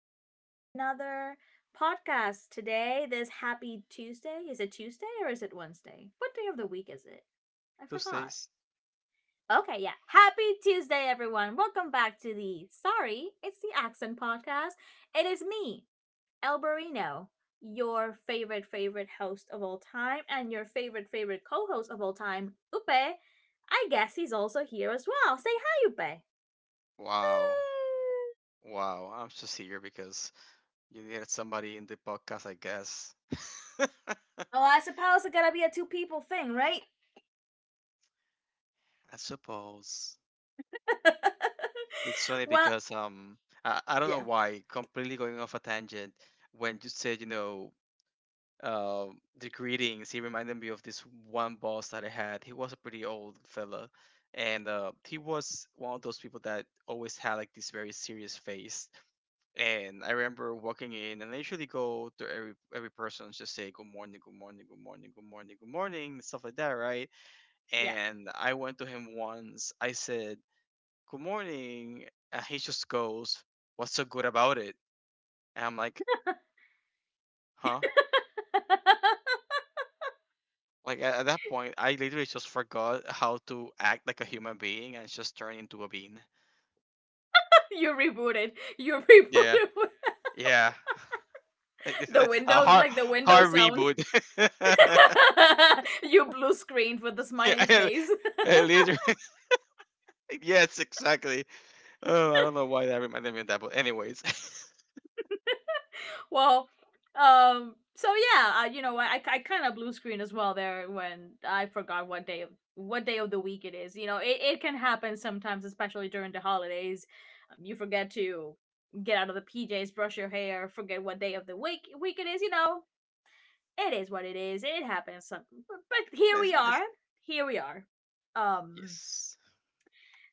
Have another podcast today. This happy Tuesday. Is it Tuesday or is it Wednesday? What day of the week is it? I forgot. Tuesdays. Okay, yeah. Happy Tuesday, everyone. Welcome back to the Sorry, it's the Accent Podcast. It is me, El your favorite, favorite host of all time, and your favorite, favorite co host of all time, Upe. I guess he's also here as well. Say hi, Upe. Wow. Woo! Wow. I'm just here because you needed somebody in the podcast, I guess. I Well, I suppose it gotta be a two people thing, right? suppose. It's funny well, because I don't know yeah, why, completely going off a tangent, when you said, you know, uh, the greetings, he reminded me of this one boss that I had. He was a pretty old fella. And he was one of those people that always had like this very serious face. And I remember walking in, and I usually go to every person and just say good morning, good morning, good morning, good morning, good morning, stuff like that, right? yeah. And I went to him once. I said good morning, and he just goes, "What's so good about it?" And I'm like, "Huh?" Like at that point, I literally just forgot how to act like a human being and just turn into a bean. You rebooted. You Yeah, rebooted yeah. Like, it's the a Windows, hard, like the Windows hard sound. reboot. You blue screened with the Yeah, smiley I- face. I literally yes, exactly. Oh, I don't know why that reminded me of that, but anyways. well, so yeah, you know, I kind of blue screen as well there when I forgot what day of the week it is. You know, it can happen sometimes, especially during the holidays. You forget to get out of the PJs, brush your hair, forget what day of the week it is. You know, it is what it is. It happens. But here It's- we are. it's- Here we are. Um, yes.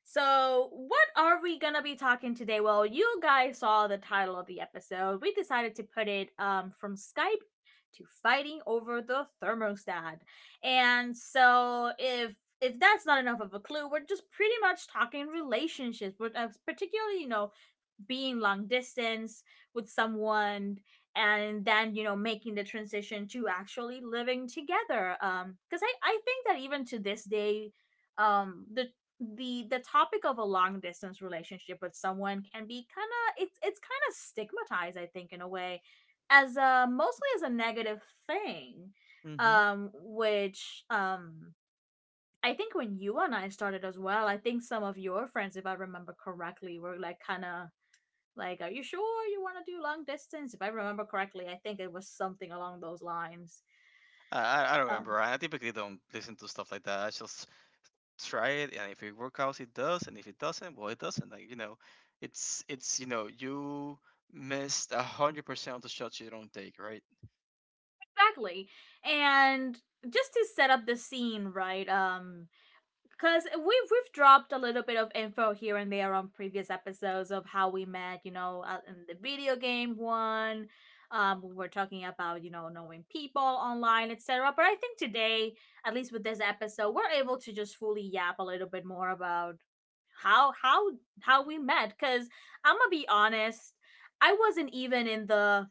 so, what are we gonna be talking today? Well, you guys saw the title of the episode. We decided to put it from Skype to fighting over the thermostat. And so if that's not enough of a clue, we're just pretty much talking relationships, but particularly, you know, being long distance with someone, and then you know making the transition to actually living together, because I think that even to this day, the the topic of a long distance relationship with someone can be kind of, it's kind of stigmatized, I think, in a way, as a mostly as a negative thing. Hmm. Which, I think when you and I started as well, I think some of your friends, if I remember correctly, were like kind of like, are you sure you want to do long distance? If I remember correctly, I think it was something along those lines. I don't Um, remember. I typically don't listen to stuff like that. I just try it, and if it works out, it does, and if it doesn't, well, it doesn't. Like, you know, it's you know, you missed 100% of the shots you don't take, right? exactly. And just to set up the scene, right? Because we've dropped a little bit of info here and there on previous episodes of how we met. You know, in the video game one, we were talking about you know knowing people online, etc. But I think today, at least with this episode, we're able to just fully yap a little bit more about how how we met, because I'm gonna be honest, I wasn't even in the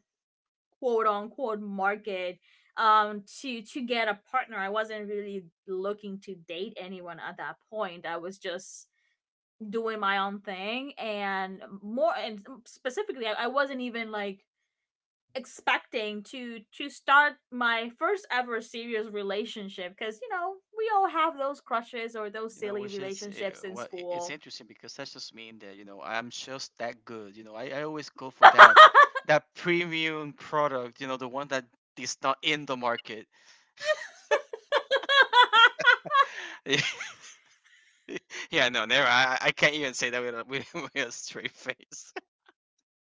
quote unquote market to get a partner. I wasn't really looking to date anyone at that point. I was just doing my own thing, and more and specifically I wasn't even like expecting to start my first ever serious relationship, because you know we all have those crushes or those You know, silly which is relationships in well, it's school. interesting because that just mean that, you know, I'm just that good. You know, I always go for that premium product. You know, the one that is not in the market. Yeah, no, never. I can't even say that with a with a straight face.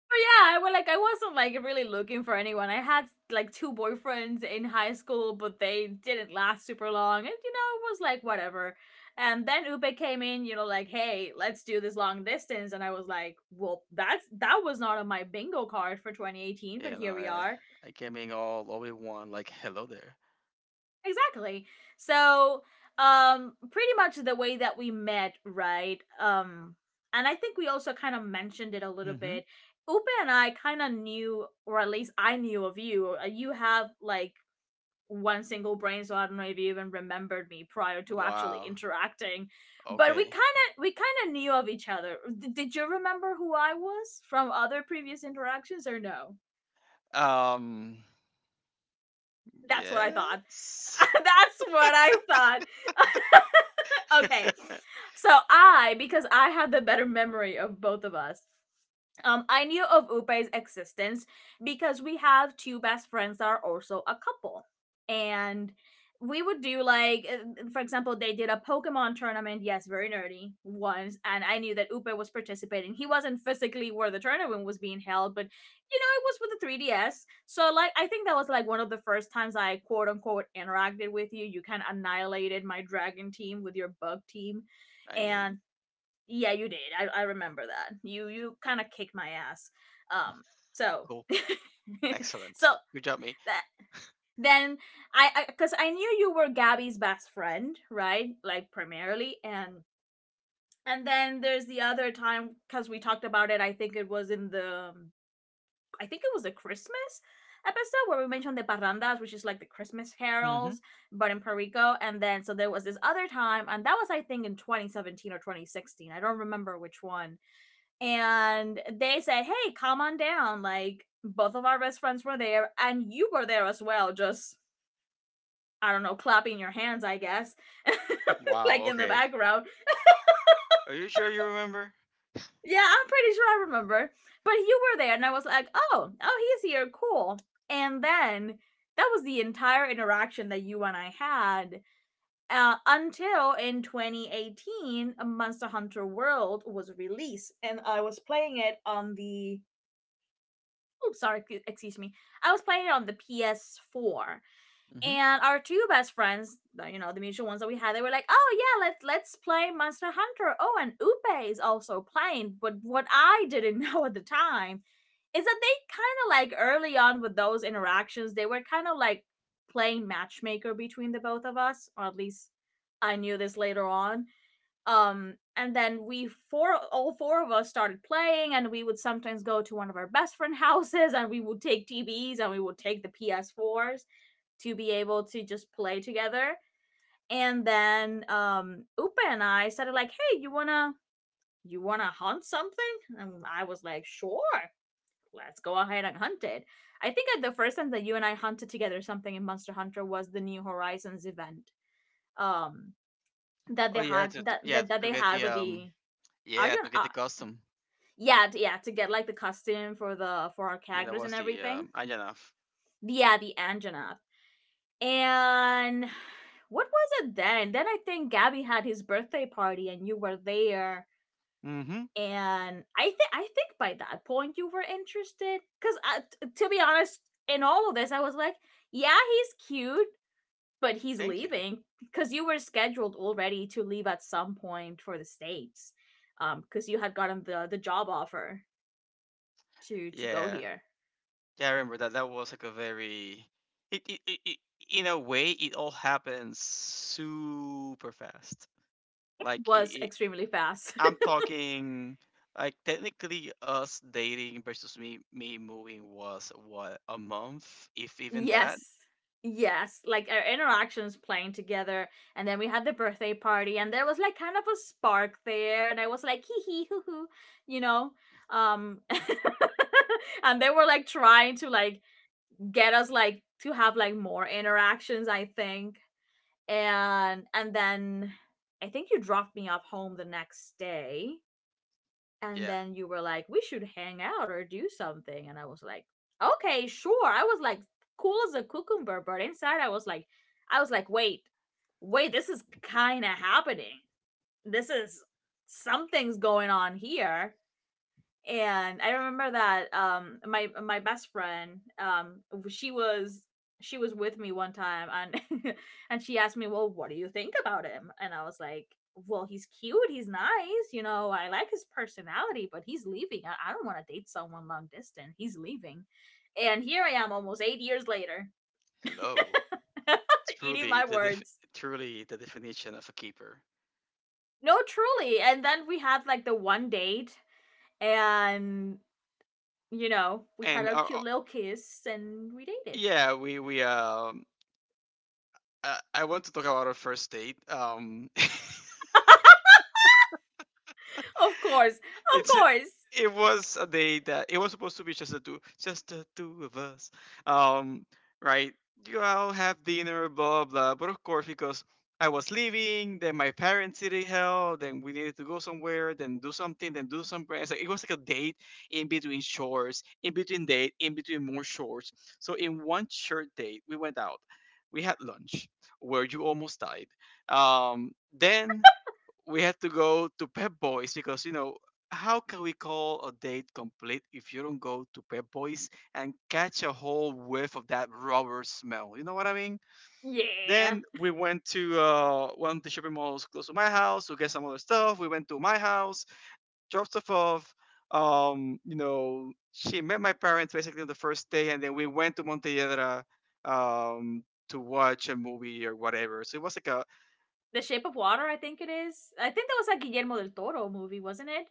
But yeah, I was like, I wasn't like really looking for anyone. I had like two boyfriends in high school, but they didn't last super long. And you know, it was like whatever. And then Upe came in, you know, like, hey, let's do this long distance. And I was like, well, that was not on my bingo card for 2018, but Yeah, no, here we are. I came in all in one. Like, hello there. Exactly. So, pretty much the way that we met, right? And I think we also kind of mentioned it a little Mm-hmm. bit. Upa and I kind of knew, or at least I knew of you. You have like one single brain, so I don't know if you even remembered me prior to actually Wow. interacting. But Okay. We kind of knew of each other. Did you remember who I was from other previous interactions, or no? Um. That's what I thought. Yes. That's what I thought. Okay. Because I have the better memory of both of us, I knew of Upe's existence because we have two best friends that are also a couple. And we would do like for example they did a Pokemon tournament, yes, very nerdy, once, and I knew that Upe was participating. He wasn't physically where the tournament was being held, but you know, it was for the 3DS. So like I think that was like one of the first times I quote unquote interacted with you. You kind of annihilated my dragon team with your bug team. I did. And yeah, you did. I remember that. You kind of kicked my ass. Um so Cool. Excellent. so Good job, me. that then 'cause I knew you were Gabby's best friend, right? Like primarily. And then there's the other time, because we talked about it. I think it was in the I think it was the Christmas episode where we mentioned the parrandas, which is like the Christmas Mm-hmm. carols, but in Puerto Rico. And then so there was this other time, and that was I think in 2017 or 2016. I don't remember which one. And they said, "Hey, come on down." Like both of our best friends were there, and you were there as well. Just I don't know, clapping your hands, I guess, Wow. like in the Okay. background. Are you sure you remember? Yeah, I'm pretty sure I remember. But you were there, and I was like, oh, oh, he's here, cool. And then that was the entire interaction that you and I had, until in 2018, Monster Hunter World was released, and I was playing it on the. Oops, sorry, excuse me. I was playing it on the PS4, Hmm. and our two best friends, you know, the mutual ones that we had, they were like oh yeah let's play Monster Hunter, oh and Upe is also playing. But what I didn't know at the time is that they kind of like early on with those interactions they were kind of like playing matchmaker between the both of us, or at least I knew this later on. And then we four all four of us started playing, and we would sometimes go to one of our best friend houses, and we would take TVs and we would take the PS4s to be able to just play together. And then Upa and I started like, hey you want to hunt something? And I was like sure, let's go ahead and hunt it. I think that the first time that you and I hunted together something in Monster Hunter was the New Horizons event, um that Oh they yeah, had, to yeah, that to they get had the with the yeah, Arjun to get the custom. yeah, yeah, to get like the costume for the for our Yeah, that characters and was the everything. Anjanov. Yeah, the Anjanath. And what was it then? Then I think Gabby had his birthday party and you were there. Mm-hmm. And I think by that point you were interested, cuz to be honest, in all of this I was like, yeah, he's cute, but he's Thank you. leaving, because you were scheduled already to leave at some point for the states, because you had gotten the job offer to go Yeah, here. yeah, I remember that. That was like a very it in a way it all happened super fast. Like it, Was it, extremely fast. I'm talking, like, technically us dating versus me moving was what, a month if even that. Yes. Yes, like our interactions playing together, and then we had the birthday party, and there was like kind of a spark there, and I was like hee hee hoo hoo, you know, um, and they were like trying to like get us like to have like more interactions, I think, and then I think you dropped me off home the next day, and Yeah. then you were like, we should hang out or do something. And I was like, okay, sure. I was like, cool as a cucumber, but inside I was like, wait, this is kind of happening. This is something's going on here. And I remember that my best friend, she was with me one time, and and she asked me, "Well, what do you think about him?" And I was like, "Well, he's cute, he's nice, you know, I like his personality, but he's leaving. I don't want to date someone long distance. He's leaving." And here I am almost 8 years later, Hello. eating truly my the def- words. Truly the definition of a keeper. No, truly. And then we had like the one date, and you know, we had And our cute little kiss and we dated. yeah, we I want to talk about our first date. Of course, of it's a, course. it was a day that it was supposed to be just the two of us, um, right. You all have dinner, blah blah, but of course, because I was leaving, then my parents needed help, then we needed to go somewhere, then do something, then do some prayers. Like, it was like a date in between shores, in between date, in between more shores. So in one short date, we went out, we had lunch where you almost died, um, then we had to go to Pep Boys because, you know, how can we call a date complete if you don't go to Pep Boys and catch a whole whiff of that rubber smell? You know what I mean? Yeah. Then we went to one of the shopping malls close to my house to get some other stuff. We went to my house, dropped stuff off. You know, she met my parents basically on the first day, and then we went to Montelledra, um, to watch a movie or whatever. So it was like a The Shape of Water, I think it is. I think that was a Guillermo del Toro movie, wasn't it?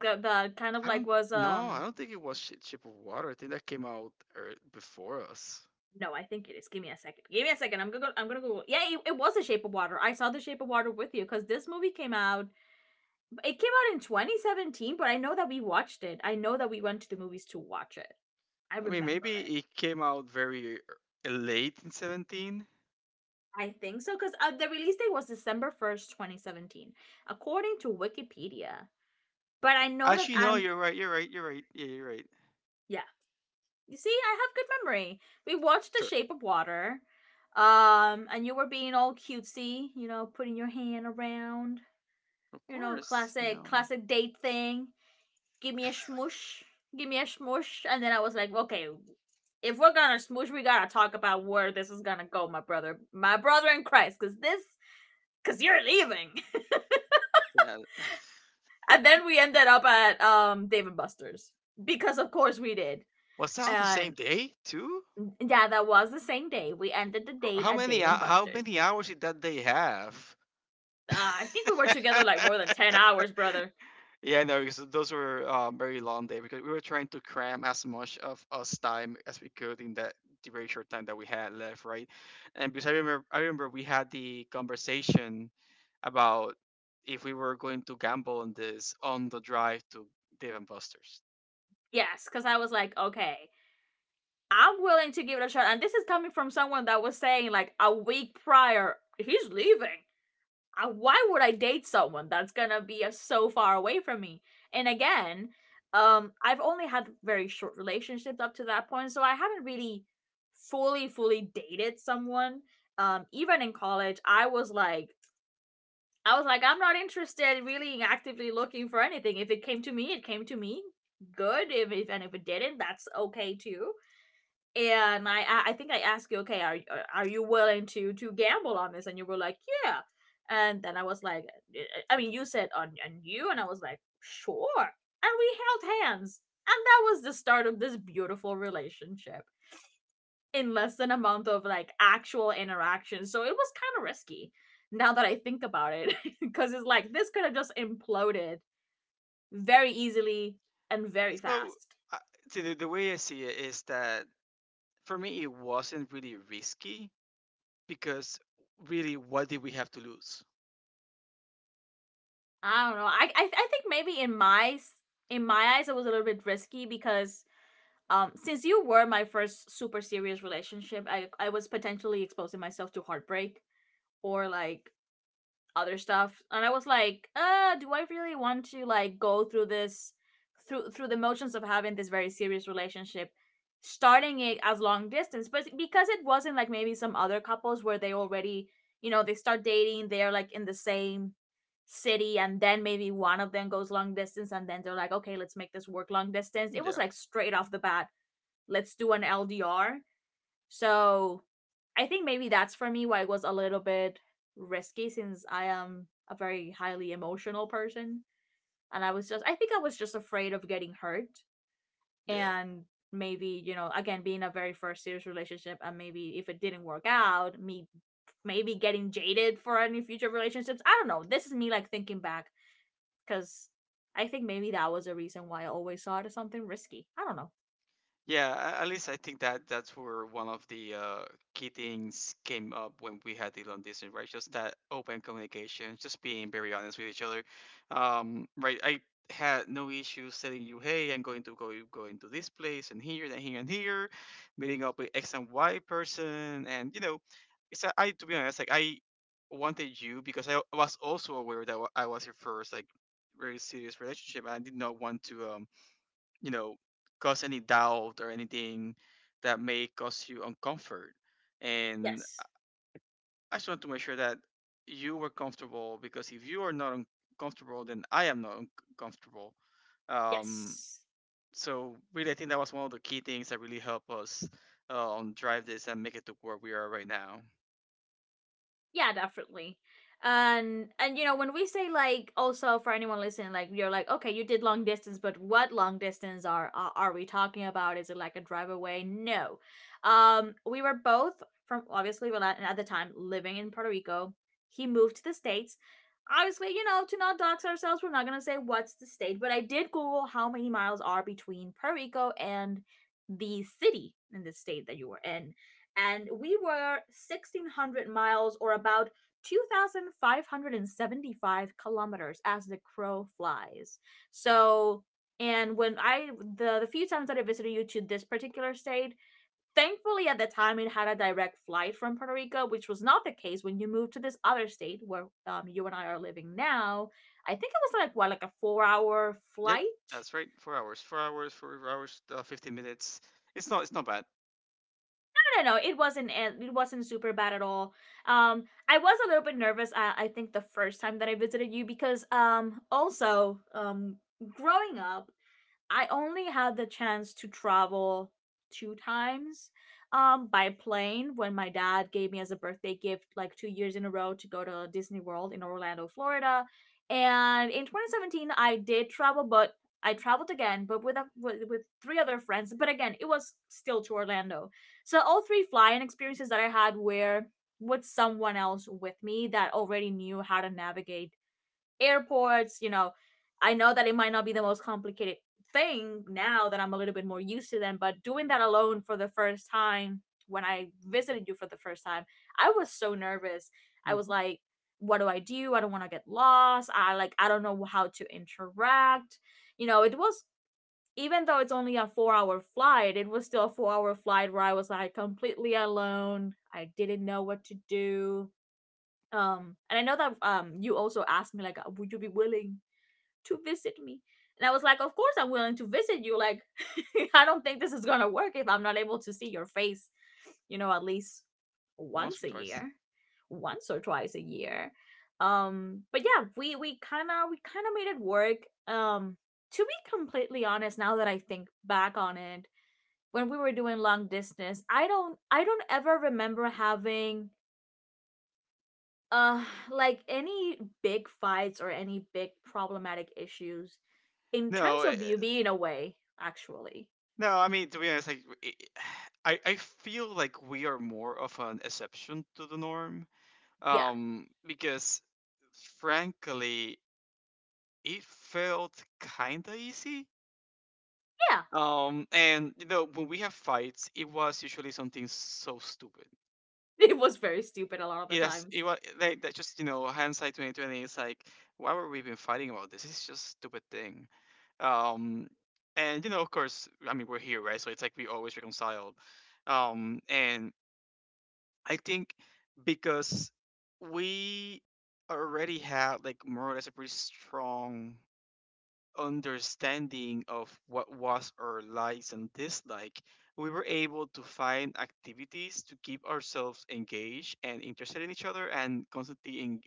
The kind of I like don't was no, I don't think it was Shape of Water. I think that came out before us. no, I think it is. Give me a second. Give me a second. I'm gonna Google. Yeah, it was The Shape of Water. I saw The Shape of Water with you because this movie came out. It came out in 2017, but I know that we watched it. I know that we went to the movies to watch it. I I mean, remember it. maybe it came out very late in 17. I think so because the release date was December first, 2017, according to Wikipedia. But I know that Actually, no, I'm, you're right. You're right. You're right. Yeah, you're right. yeah. You see, I have good memory. We watched The Sure. Shape of Water, and you were being all cutesy, putting your hand around, Of course, you classic know. classic date thing. Give me a smush, give me a smush, and then I was like, okay, if we're gonna smoosh, we gotta talk about where this is gonna go, my brother in Christ, because you're leaving. Yeah. And then we ended up at Dave and Buster's because of course we did. Was that all the same And day too? yeah, that was the same day. We ended the Or date at Dave and how Buster's. many hours did that day have? Uh, I think we were together like more than 10 hours, brother. Yeah, no, because those were, very long day because we were trying to cram as much of us time as we could in that the very short time that we had left, right? And because I remember we had the conversation about if we were going to gamble on this on the drive to Dave and Buster's. Yes, because I was like, okay, I'm willing to give it a shot. And this is coming from someone that was saying like a week prior, he's leaving. Why would I date someone that's gonna be so far away from me? And again, I've only had very short relationships up to that point, so I haven't really fully dated someone. Even in college, I was like, I'm not interested, really actively looking for anything. If it came to me, it came to me. Good. If and if it didn't, that's okay too, and I think I asked you, okay, are you willing to gamble on this? And you were like, yeah. And then I was like, I mean, you said on you, and I was like, sure. And we held hands, and that was the start of this beautiful relationship in less than a month of like actual interaction. So it was kind of risky now that I think about it, because it's like this could have just imploded very easily and very So, fast. uh, see, the way I see it is that for me it wasn't really risky because, really, what did we have to lose? I don't know. I think maybe in my eyes it was a little bit risky because since you were my first super serious relationship, I was potentially exposing myself to heartbreak or like other stuff. And I was like, do I really want to like go through this through through the motions of having this very serious relationship, starting it as long distance? But because it wasn't like maybe some other couples where they already, they start dating, they're like in the same city, and then maybe one of them goes long distance, and then they're like, okay, let's make this work long distance. It was Yeah, like straight off the bat, let's do an LDR. So I think maybe that's for me why it was a little bit risky, since I am a very highly emotional person. And I was just, I think I was just afraid of getting hurt. yeah. And maybe, again, being a very first serious relationship, and maybe if it didn't work out, me maybe getting jaded for any future relationships. I don't know. This is me like thinking back, because I think maybe that was a reason why I always saw it as something risky. I don't know. Yeah, at least I think that that's where one of the key things came up when we had the long distance, right? Just that open communication, just being very honest with each other. Right, I had no issues telling you, hey, I'm going to go going to this place and here and here and here, meeting up with X and Y person, and, you know, I, to be honest, like, I wanted you because I was also aware that I was your first, like, very serious relationship, and I did not want to, you know, cause any doubt or anything that may cause you uncomfort, and Yes. I just want to make sure that you were comfortable because if you are not uncomfortable then I am not uncomfortable. Um, Yes. so really I think that was one of the key things that really helped us, drive this and make it to where we are right now. Yeah, definitely. And you know when we say, like, also for anyone listening, like, you're like, okay, you did long distance, but what long distance are we talking about? Is it like a drive away? No. We were both from obviously Milan and at the time living in Puerto Rico. He moved to the States, obviously. To not dox ourselves, we're not going to say what's the state, but I did Google how many miles are between Puerto Rico and the city in the state that you were in, and we were 1600 miles, or about 2575 kilometers as the crow flies. So and when I the few times that I visited you to this particular state, thankfully at the time it had a direct flight from Puerto Rico, which was not the case when you moved to this other state where, you and I are living now. I think it was like what, like a 4-hour Yep, flight? that's right, 4 hours, 4 hours, 4 hours, 15 minutes. It's not, it's not bad. No, no, no. It wasn't. It wasn't super bad at all. I was a little bit nervous. I think the first time that I visited you, because also growing up, I only had the chance to travel two times by plane, when my dad gave me as a birthday gift like 2 years in a row to go to Disney World in Orlando, Florida. And in 2017 I did travel, but I traveled again, but with three other friends, but again, it was still to Orlando. So all three flying experiences that I had were with someone else with me that already knew how to navigate airports. I know that it might not be the most complicated thing now that I'm a little bit more used to them, but doing that alone for the first time when I visited you for the first time, I was so nervous. I was Hmm. like, what do? I don't want to get lost. I don't know how to interact. You know, it was Even though it's only a 4-hour flight, it was still a 4-hour flight where I was like completely alone. I didn't know what to do. And I know that you also asked me, like, would you be willing to visit me. And I was like, of course I'm willing to visit you. Like, I don't think this is going to work if I'm not able to see your face, at least Once once or a twice. year, once or twice a year. But yeah, we kind of made it work. Um, to be completely honest, now that I think back on it, when we were doing long distance, I don't ever remember having uh like any big fights or any big problematic issues. In terms No, of beauty in a way, actually. no, I mean, to be honest, I feel like we are more of an exception to the norm. Yeah, Because frankly, it felt kinda easy. yeah. And you know when we have fights, it was usually something so stupid. It was very stupid a lot of the It has times. it was like that, just, you know, hindsight 2020. It's like why were we even fighting about this? It's just a stupid thing. Um, and you know, of course, I mean, we're here, right, so it's like we always reconcile. And I think because we already had, like, more or less a pretty strong understanding of what was our likes and dislike, we were able to find activities to keep ourselves engaged and interested in each other and constantly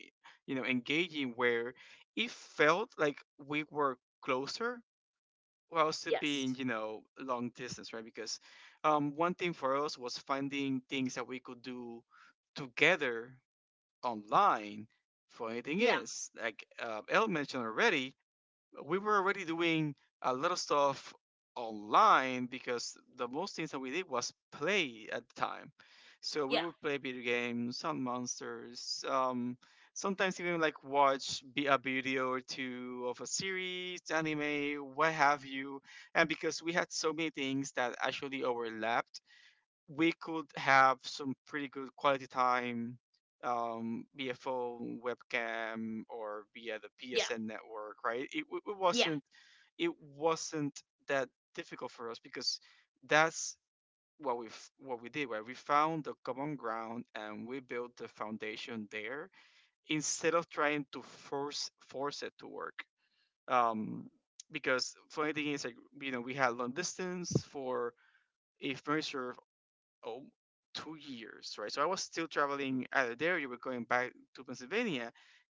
you know, engaging, where it felt like we were closer well still being, Yes. you know, long distance, right? Because, um, one thing for us was finding things that we could do together online. For anything Yeah, is like, El mentioned already, we were already doing a lot of stuff online because the most things that we did was play at the time. So we yeah, would play video games, some monsters, sometimes even like watch be a video or two of a series, anime, what have you. And because we had so many things that actually overlapped, we could have some pretty good quality time, via phone, webcam, or via the yeah, PSN network, right? Yeah, It wasn't that difficult for us because that's what we what we did, right? We found the common ground and we built the foundation there instead of trying to force it to work. Um, because funny thing is, like, you know, we had long distance for a furniture, oh, 2 years, right? So I was still traveling out of there. You were going back to Pennsylvania,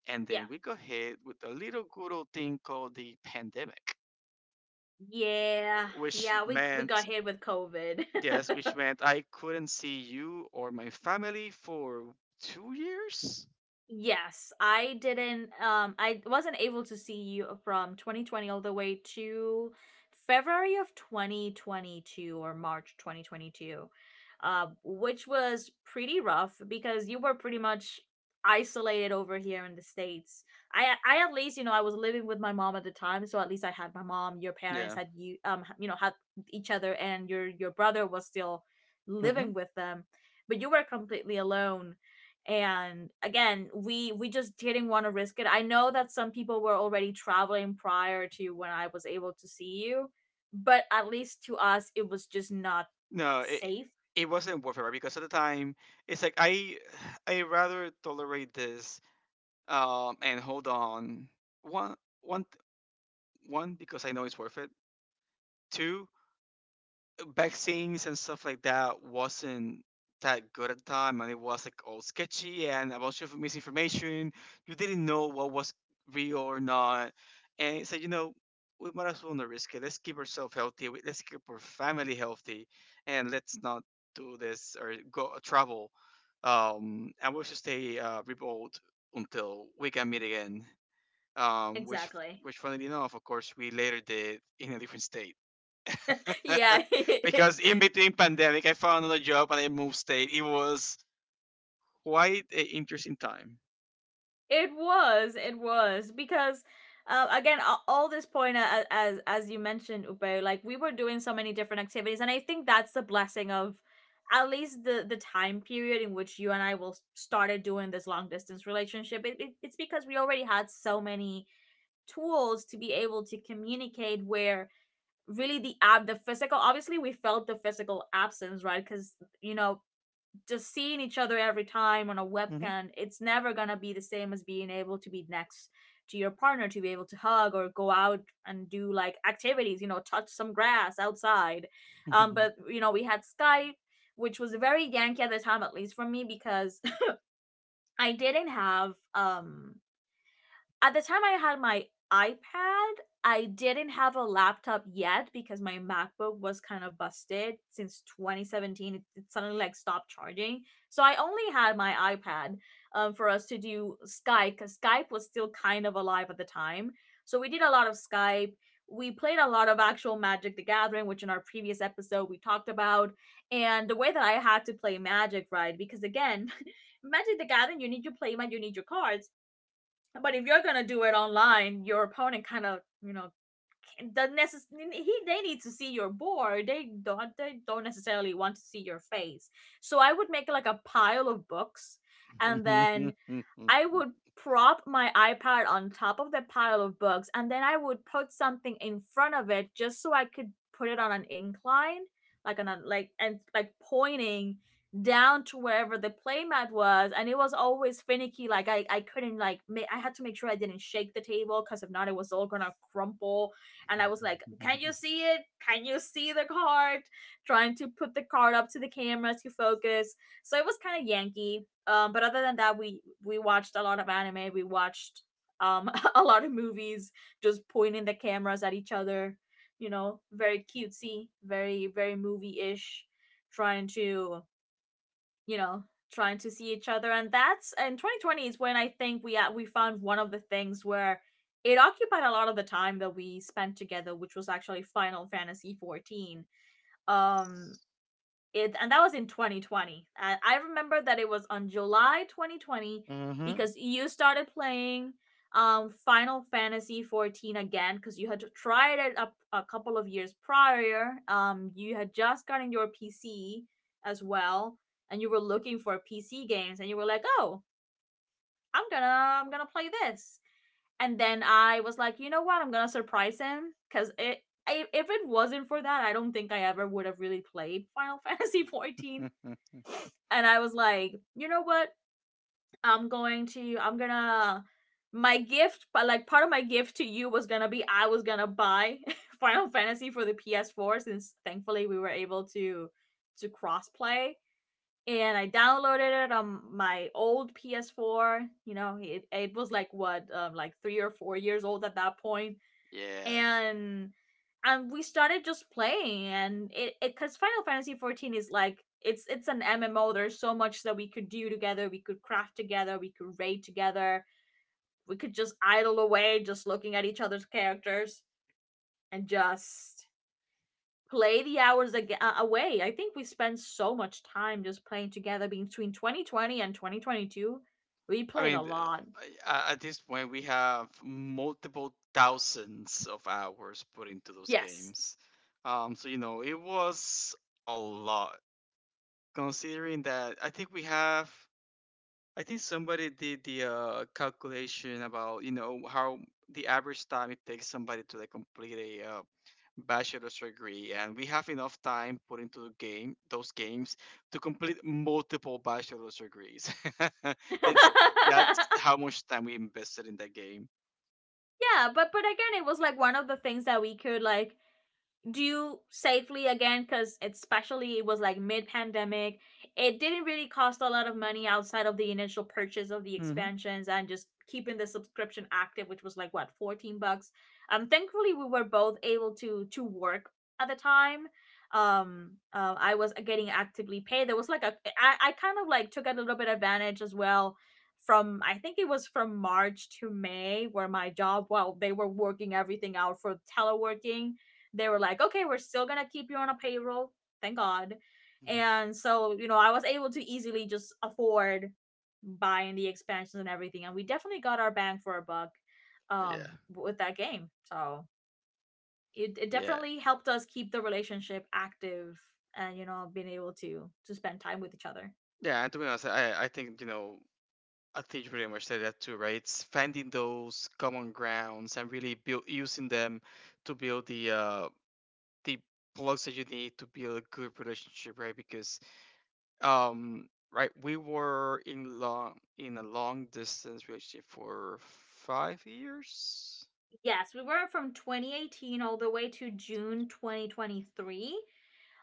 and yeah, then we got hit with a little good old thing called the pandemic, yeah, which yeah. We got meant hit with COVID. yes, which meant I couldn't see you or my family for 2 years. Yes, I wasn't able to see you from 2020 all the way to February of 2022, or March 2022. Which was pretty rough because you were pretty much isolated over here in the States. I at least, I was living with my mom at the time, so at least I had my mom, your parents Yeah. had you, had each other, and your brother was still Hmm. living with them. But you were completely alone, and again, we just didn't want to risk it. I know that some people were already traveling prior to when I was able to see you, but at least to us it was just not No, safe. it wasn't worth it, right? Because at the time it's like, I rather tolerate this, um, and hold on. one one One, because I know it's worth it. Two, vaccines and stuff like that wasn't that good at the time and it was like all sketchy and a bunch of misinformation, you didn't know what was real or not. And it's like, you know, we might as well not risk it, let's keep ourselves healthy, let's keep our family healthy and let's not do this or go travel, um, and we'll just stay, uh, remote until we can meet again. Um, Exactly. which funnily enough, of course, we later did in a different state. Yeah. Because in between pandemic, I found another job and I moved state. It was quite an interesting time. It was. It was because. Again, all this point, as you mentioned, Upe, like we were doing so many different activities, and I think that's the blessing of at least the time period in which you and I started doing this long distance relationship. It's because we already had so many tools to be able to communicate. Where really the physical, obviously we felt the physical absence, right? Because you know just seeing each other every time on a Mhm. webcam, it's never gonna be the same as being able to be next to your partner, to be able to hug or go out and do like activities, touch some grass outside. But we had Skype, which was very Yankee at the time, at least for me, because I didn't have at the time I had my iPad, I didn't have a laptop yet because my MacBook was kind of busted since 2017. It suddenly like stopped charging, so I only had my iPad for us to do Skype, because Skype was still kind of alive at the time. So we did a lot of Skype. We played a lot of actual Magic the Gathering, which in our previous episode we talked about, and the way that I had to play Magic, right? Because again, Magic the Gathering, you need your playmat, you need your cards. But if you're gonna do it online, your opponent kind of you know can- the necess- he they need to see your board. They don't necessarily want to see your face. So I would make like a pile of books, and Mhm. then I would prop my iPad on top of the pile of books and then I would put something in front of it just so I could put it on an incline, like on a, like and like pointing down to wherever the playmat was and it was always finicky like I couldn't like I had to make sure I didn't shake the table because if not it was all gonna crumple and I was like, can you see it? Can you see the card? Trying to put the card up to the camera to focus, so it was kind of yankee. But other than that, we watched a lot of anime. We watched a lot of movies, just pointing the cameras at each other. You know, very cutesy, very very movie ish, trying to you know trying to see each other. And 2020 is when I think we found one of the things where it occupied a lot of the time that we spent together, which was actually Final Fantasy 14. Um, it and that was in 2020. And I remember that it was on July 2020 because you started playing Final Fantasy 14 again because you had tried it a couple of years prior. You had just gotten your PC as well, and you were looking for PC games, and you were like, "Oh, I'm gonna I'm gonna play this." And then I was like, "You know what? I'm gonna surprise him because it." If it wasn't for that, I don't think I ever would have really played Final Fantasy 14. And I was like, you know what? I'm going to I'm gonna My gift, but like part of my gift to you was gonna be I was gonna buy Final Fantasy for the PS4, since thankfully we were able to cross play. And I downloaded it on my old PS4. You know, it was like what, like 3 or 4 years old at that point, Yeah, and and we started just playing. And it, because Final Fantasy 14 is like, it's an MMO, there's so much that we could do together. We could craft together, we could raid together, we could just idle away just looking at each other's characters and just play the hours away. I think we spent so much time just playing together between 2020 and 2022. We I played a mean, lot. I, at this point, we have multiple thousands of hours put into those Yes. games. It was a lot considering that I think somebody did the calculation about you know how the average time it takes somebody to like complete a bachelor's degree, and we have enough time put into the game those games to complete multiple bachelor's degrees. that's Yeah, that's how much time we invested in that game. but again, it was like one of the things that we could like do safely again, because especially it was like mid-pandemic. It didn't really cost a lot of money outside of the initial purchase of the Hmm. expansions and just keeping the subscription active, which was like what, 14 bucks? Thankfully we were both able to work at the time. I was getting actively paid. There was like I kind of like took a little bit advantage as well, from I think it was from March to May where my job, well, they were working everything out for teleworking. They were like, okay, we're still gonna keep you on a payroll, thank God. Mhm. And so, you know, I was able to easily just afford buying the expansions and everything, and we definitely got our bang for our buck Yeah, with that game. So it yeah, definitely helped us keep the relationship active, and you know, being able to spend time with each other. yeah. And to be honest, I think you pretty much said that too, right? It's finding those common grounds and really build using them to build the blocks that you need to build a good relationship, right? Because um right, we were in long in a long distance relationship for 5 years. Yes, we were, from 2018 all the way to June 2023.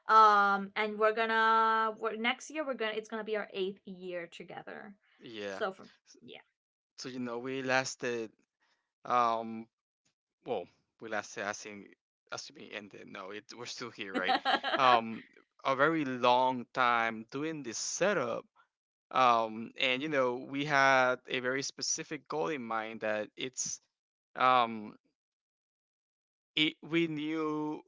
And we're gonna we're next year, we're gonna it's gonna be our eighth year together. Yeah. So from S- yeah. So you know we lasted, um well we lasted, I think, assuming it ended. No, it we're still here, right? Um, a very long time doing this setup. Um, and you know we had a very specific goal in mind that um we knew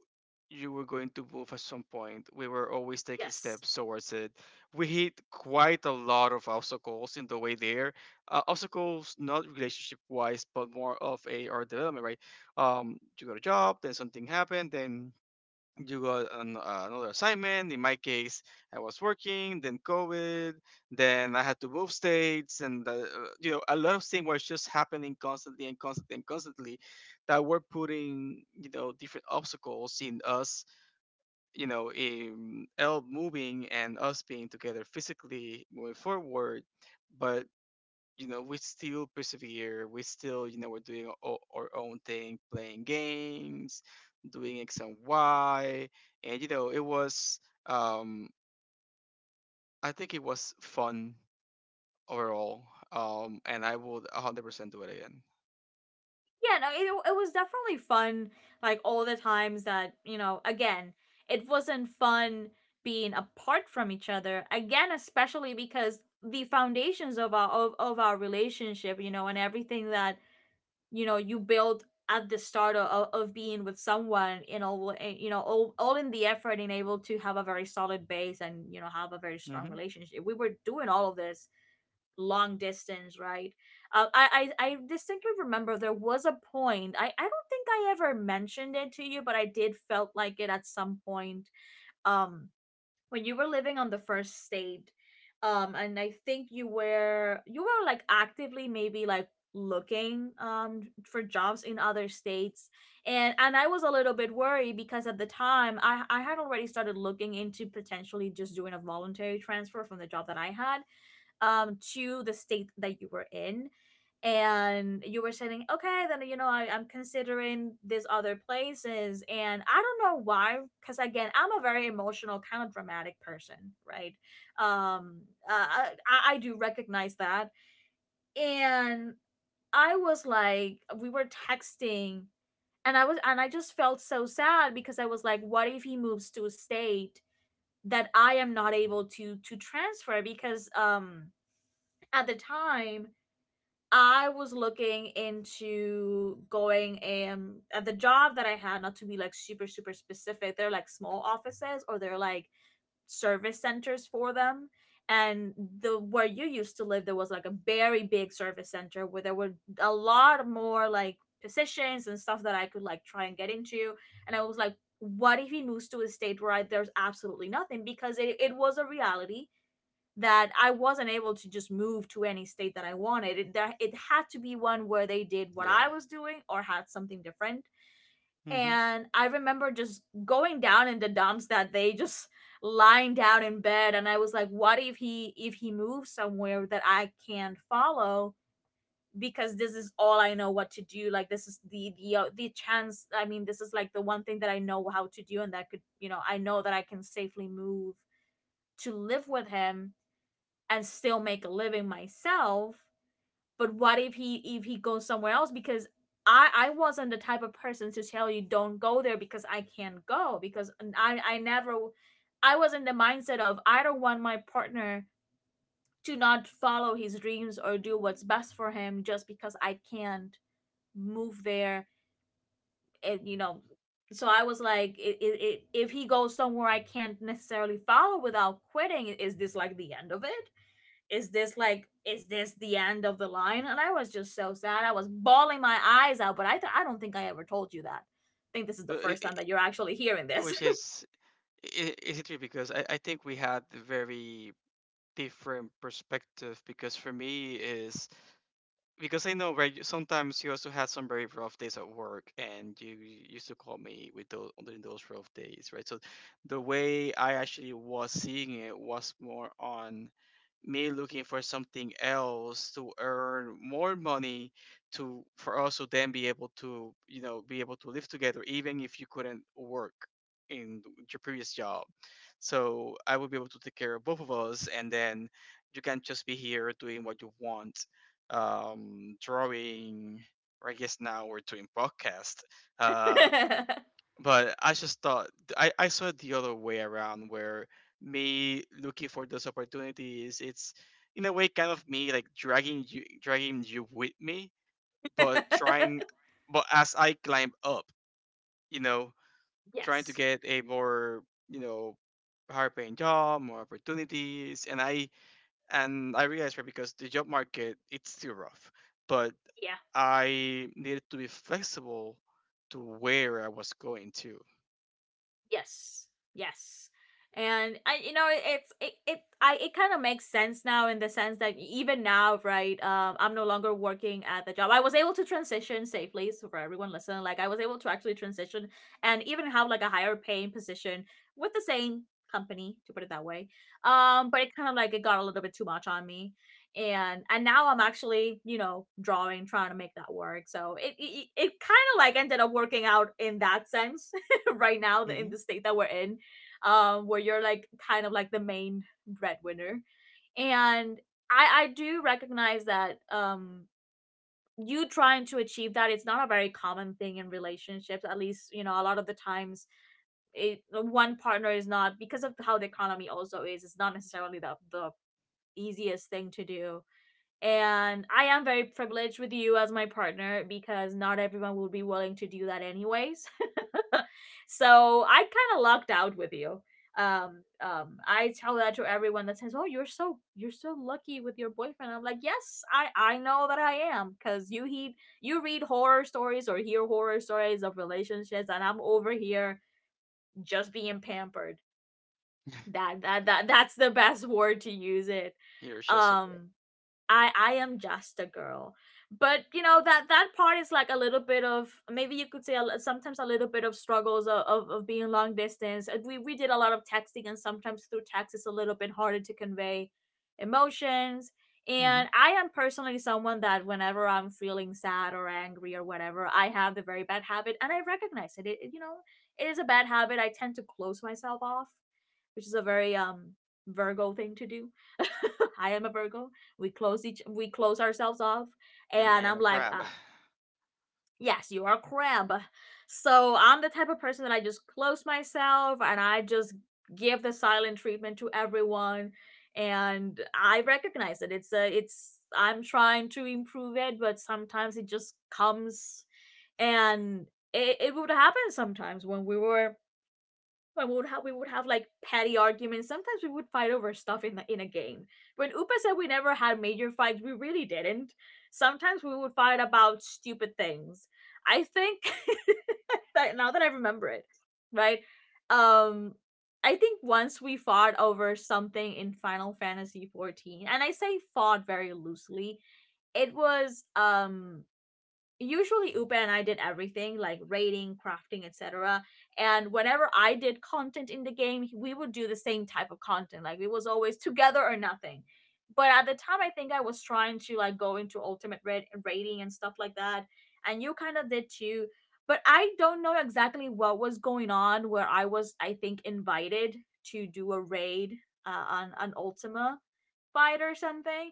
you were going to move at some point. We were always taking Yes. steps towards it. We hit quite a lot of obstacles in the way there. Obstacles, not relationship wise, but more of a our development, right? You got a job, then something happened, then you got an, another assignment. In my case, I was working, then COVID, then I had to move states, and you know, a lot of things were just happening constantly and constantly and constantly, that were putting you know different obstacles in us, you know, in L moving and us being together physically moving forward. But you know we still persevere, we still, you know, our own thing, playing games, doing x and y, and you know it was, um I think it was fun overall. And I would 100% do it again. Yeah, no, it was definitely fun, like all the times that, you know, again, it wasn't fun being apart from each other, again, especially because the foundations of our of our relationship, you know, and everything that you know you build at the start of being with someone, you know, you know all in the effort and able to have a very solid base, and you know have a very strong Mm-hmm. relationship. We were doing all of this long distance, right? I distinctly remember there was a point, I don't think I ever mentioned it to you, but I did felt like it at some point. um when you were living on the first state, and I think you were like actively maybe like looking for jobs in other states, and I was a little bit worried because at the time I had already started looking into potentially just doing a voluntary transfer from the job that I had, to the state that you were in. And you were saying, okay, then I'm considering these other places. And I don't know why, because again, I'm a very emotional kind of dramatic person, right? Um uh, I, I I do recognize that. And I was like, we were texting, and I just felt so sad because I was like, what if he moves to a state that I am not able to transfer? Because at the time I was looking into going at the job that I had, not to be like super, super specific, they're like small offices, or they're like service centers for them. And the, where you used to live, there was like a very big service center where there were a lot more like positions and stuff that I could like try and get into. And I was like, what if he moves to a state where I, there's absolutely nothing? Because it was a reality that I wasn't able to just move to any state that I wanted. It, there, it had to be one where they did what I Yeah. was doing or had something different. Mm-hmm. And I remember just going down in the dumps, that they just lying down in bed, and I was like, what if he, if he moves somewhere that I can't follow? Because this is all I know what to do. Like, this is the the chance. I mean, this is like the one thing that I know how to do, and that could, you know, I know that I can safely move to live with him and still make a living myself. But what if he, if he goes somewhere else, because I wasn't the type of person to tell you, don't go there because I can't go, because I never, I was in the mindset of, I don't want my partner to not follow his dreams or do what's best for him just because I can't move there. And, you know, so I was like, I if he goes somewhere I can't necessarily follow without quitting, is this like the end of it? Is this like, is this the end of the line? And I was just so sad, I was bawling my eyes out, but I don't think I ever told you that. I think this is the Well, first time that you're actually hearing this. which is, is it because I, think we had very different perspective? Because for me is because I know, right, sometimes you also had some very rough days at work, and you used to call me with those during those rough days, right? So the way I actually was seeing it was more on me looking for something else to earn more money, to for us to then be able to, you know, be able to live together even if you couldn't work in your previous job. So I would be able to take care of both of us, and then you can just be here doing what you want, drawing, or I guess now we're doing podcast. uh but I just thought, I saw it the other way around where me looking for those opportunities, it's in a way kind of me like dragging you with me, but trying, but as I climb up, you know, trying to Yes. get a more, you know, higher paying job, more opportunities. And I realized, right, because the job market it's still rough. But Yeah. I needed to be flexible to where I was going to. Yes. Yes. And I, you know, it's it it I, it kind of makes sense now, in the sense that, even now, right? I'm no longer working at the job. I was able to transition safely, so for everyone listening. Like, I was able to actually transition and even have like a higher paying position with the same company, to put it that way. But it kind of like it got a little bit too much on me. And now I'm actually, you know, drawing, trying to make that work. So it kind of like ended up working out in that sense. Right now, the- in Hmm. the state that we're in, where you're like kind of like the main breadwinner. And I do recognize that um, you trying to achieve that, it's not a very common thing in relationships. At least, you know, a lot of the times it, one partner is not, because of how the economy also is. It's not necessarily the easiest thing to do. And I am very privileged with you as my partner, because not everyone will be willing to do that anyways. So I kind of lucked out with you. I tell that to everyone that says, "Oh, you're so lucky with your boyfriend." I'm like, "Yes, I know that I am, 'cause you heed you read horror stories, or hear horror stories of relationships, and I'm over here just being pampered. That's the best word to use it." You're just a girl. Um, I am just a girl. But you know, that that part is like a little bit of, maybe you could say sometimes a little bit of struggles of being long distance. We did a lot of texting, and sometimes through text it's a little bit harder to convey emotions. And Hmm. I am personally someone that whenever I'm feeling sad or angry or whatever, I have the very bad habit, and I recognize it. It, it is a bad habit. I tend to close myself off, which is a very Virgo thing to do. I am a Virgo. We close ourselves off, And I and I'm am a like, crab. Yes, you are a crab. So I'm the type of person that I just close myself, and I just give the silent treatment to everyone, and I recognize it. It's I'm trying to improve it, but sometimes it just comes, and it would happen sometimes when we were, but we would have like petty arguments. Sometimes we would fight over stuff in the in a game. When Upa said we never had major fights, we really didn't. Sometimes we would fight about stupid things. I think, that now that I remember it, right? Um I think once we fought over something in Final Fantasy 14, and I say fought very loosely. It was usually Upa and I did everything, like raiding, crafting, etc. And whenever I did content in the game, we would do the same type of content. Like it was always together or nothing. But at the time, I think I was trying to like go into raiding and stuff like that, and you kind of did too. But I don't know exactly what was going on. Where I was, I think, invited to do a raid on an Ultima fight or something,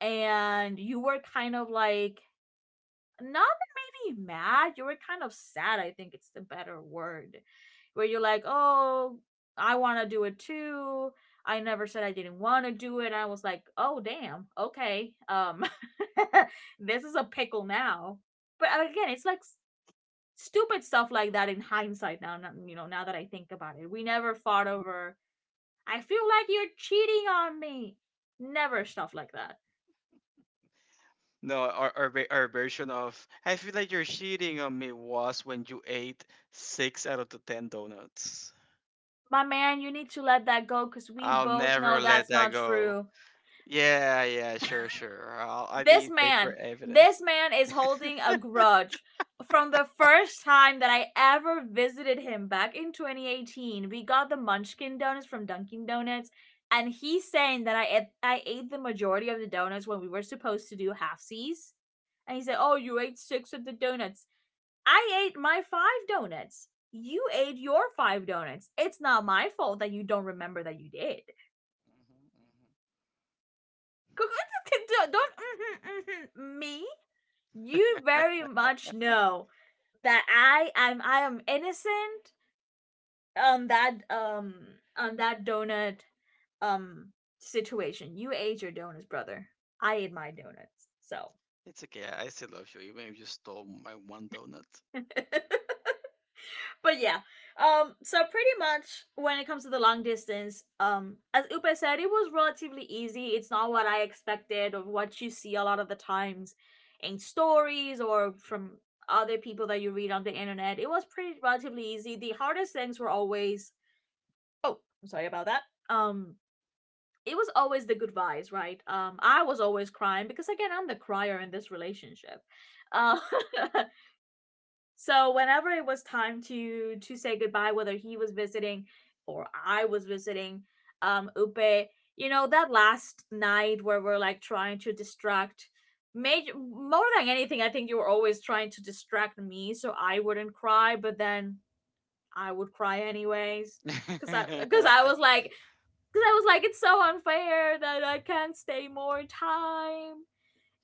and you were kind of like not maybe mad. You were kind of sad, I think, it's the better word. Where you're like, "Oh, I want to do it too. I never said I didn't want to do it." I was like, "Oh, damn. Okay. This is a pickle now." But again, it's like stupid stuff like that. In hindsight, you know, now that I think about it, we never fought over, I feel like you're cheating on me. Never stuff like that. No, our version of "I feel like you're cheating on me" was when you ate six out of the ten donuts. My man, you need to let that go, because we I'll both know never let that's that not go. true. Yeah, yeah, sure, sure. I This need paper man, evidence. this man is holding a grudge from the first time that I ever visited him back in 2018. We got the Munchkin donuts from Dunkin' Donuts, and he's saying that I ate the majority of the donuts when we were supposed to do halfsies. And he said, "Oh, you ate six of the donuts. I ate my five donuts. You ate your five donuts. It's not my fault that you don't remember that you did. Mhm, Don't mm-hmm, mm-hmm, me." You mhm. very Eh, much know that I am innocent on that um on that donut um situation. You ate your donuts, brother. I ate my donuts. So It's okay. I still love you, even if you stole my one donut. but yeah. So pretty much when it comes to the long distance, as Upe said, it was relatively easy. It's not what I expected or what you see a lot of the times in stories or from other people that you read on the internet. It was pretty relatively easy. The hardest things were always, oh, I'm sorry about that. Um, it was always the goodbyes, right? I was always crying because, again, I'm the crier in this relationship. Uh, So whenever it was time to say goodbye, whether he was visiting or I was visiting, Upe, you know, that last night where we're like trying to distract, major, more than anything, I think you were always trying to distract me so I wouldn't cry, but then I would cry anyways, cause I was like, it's so unfair that I can't stay more time,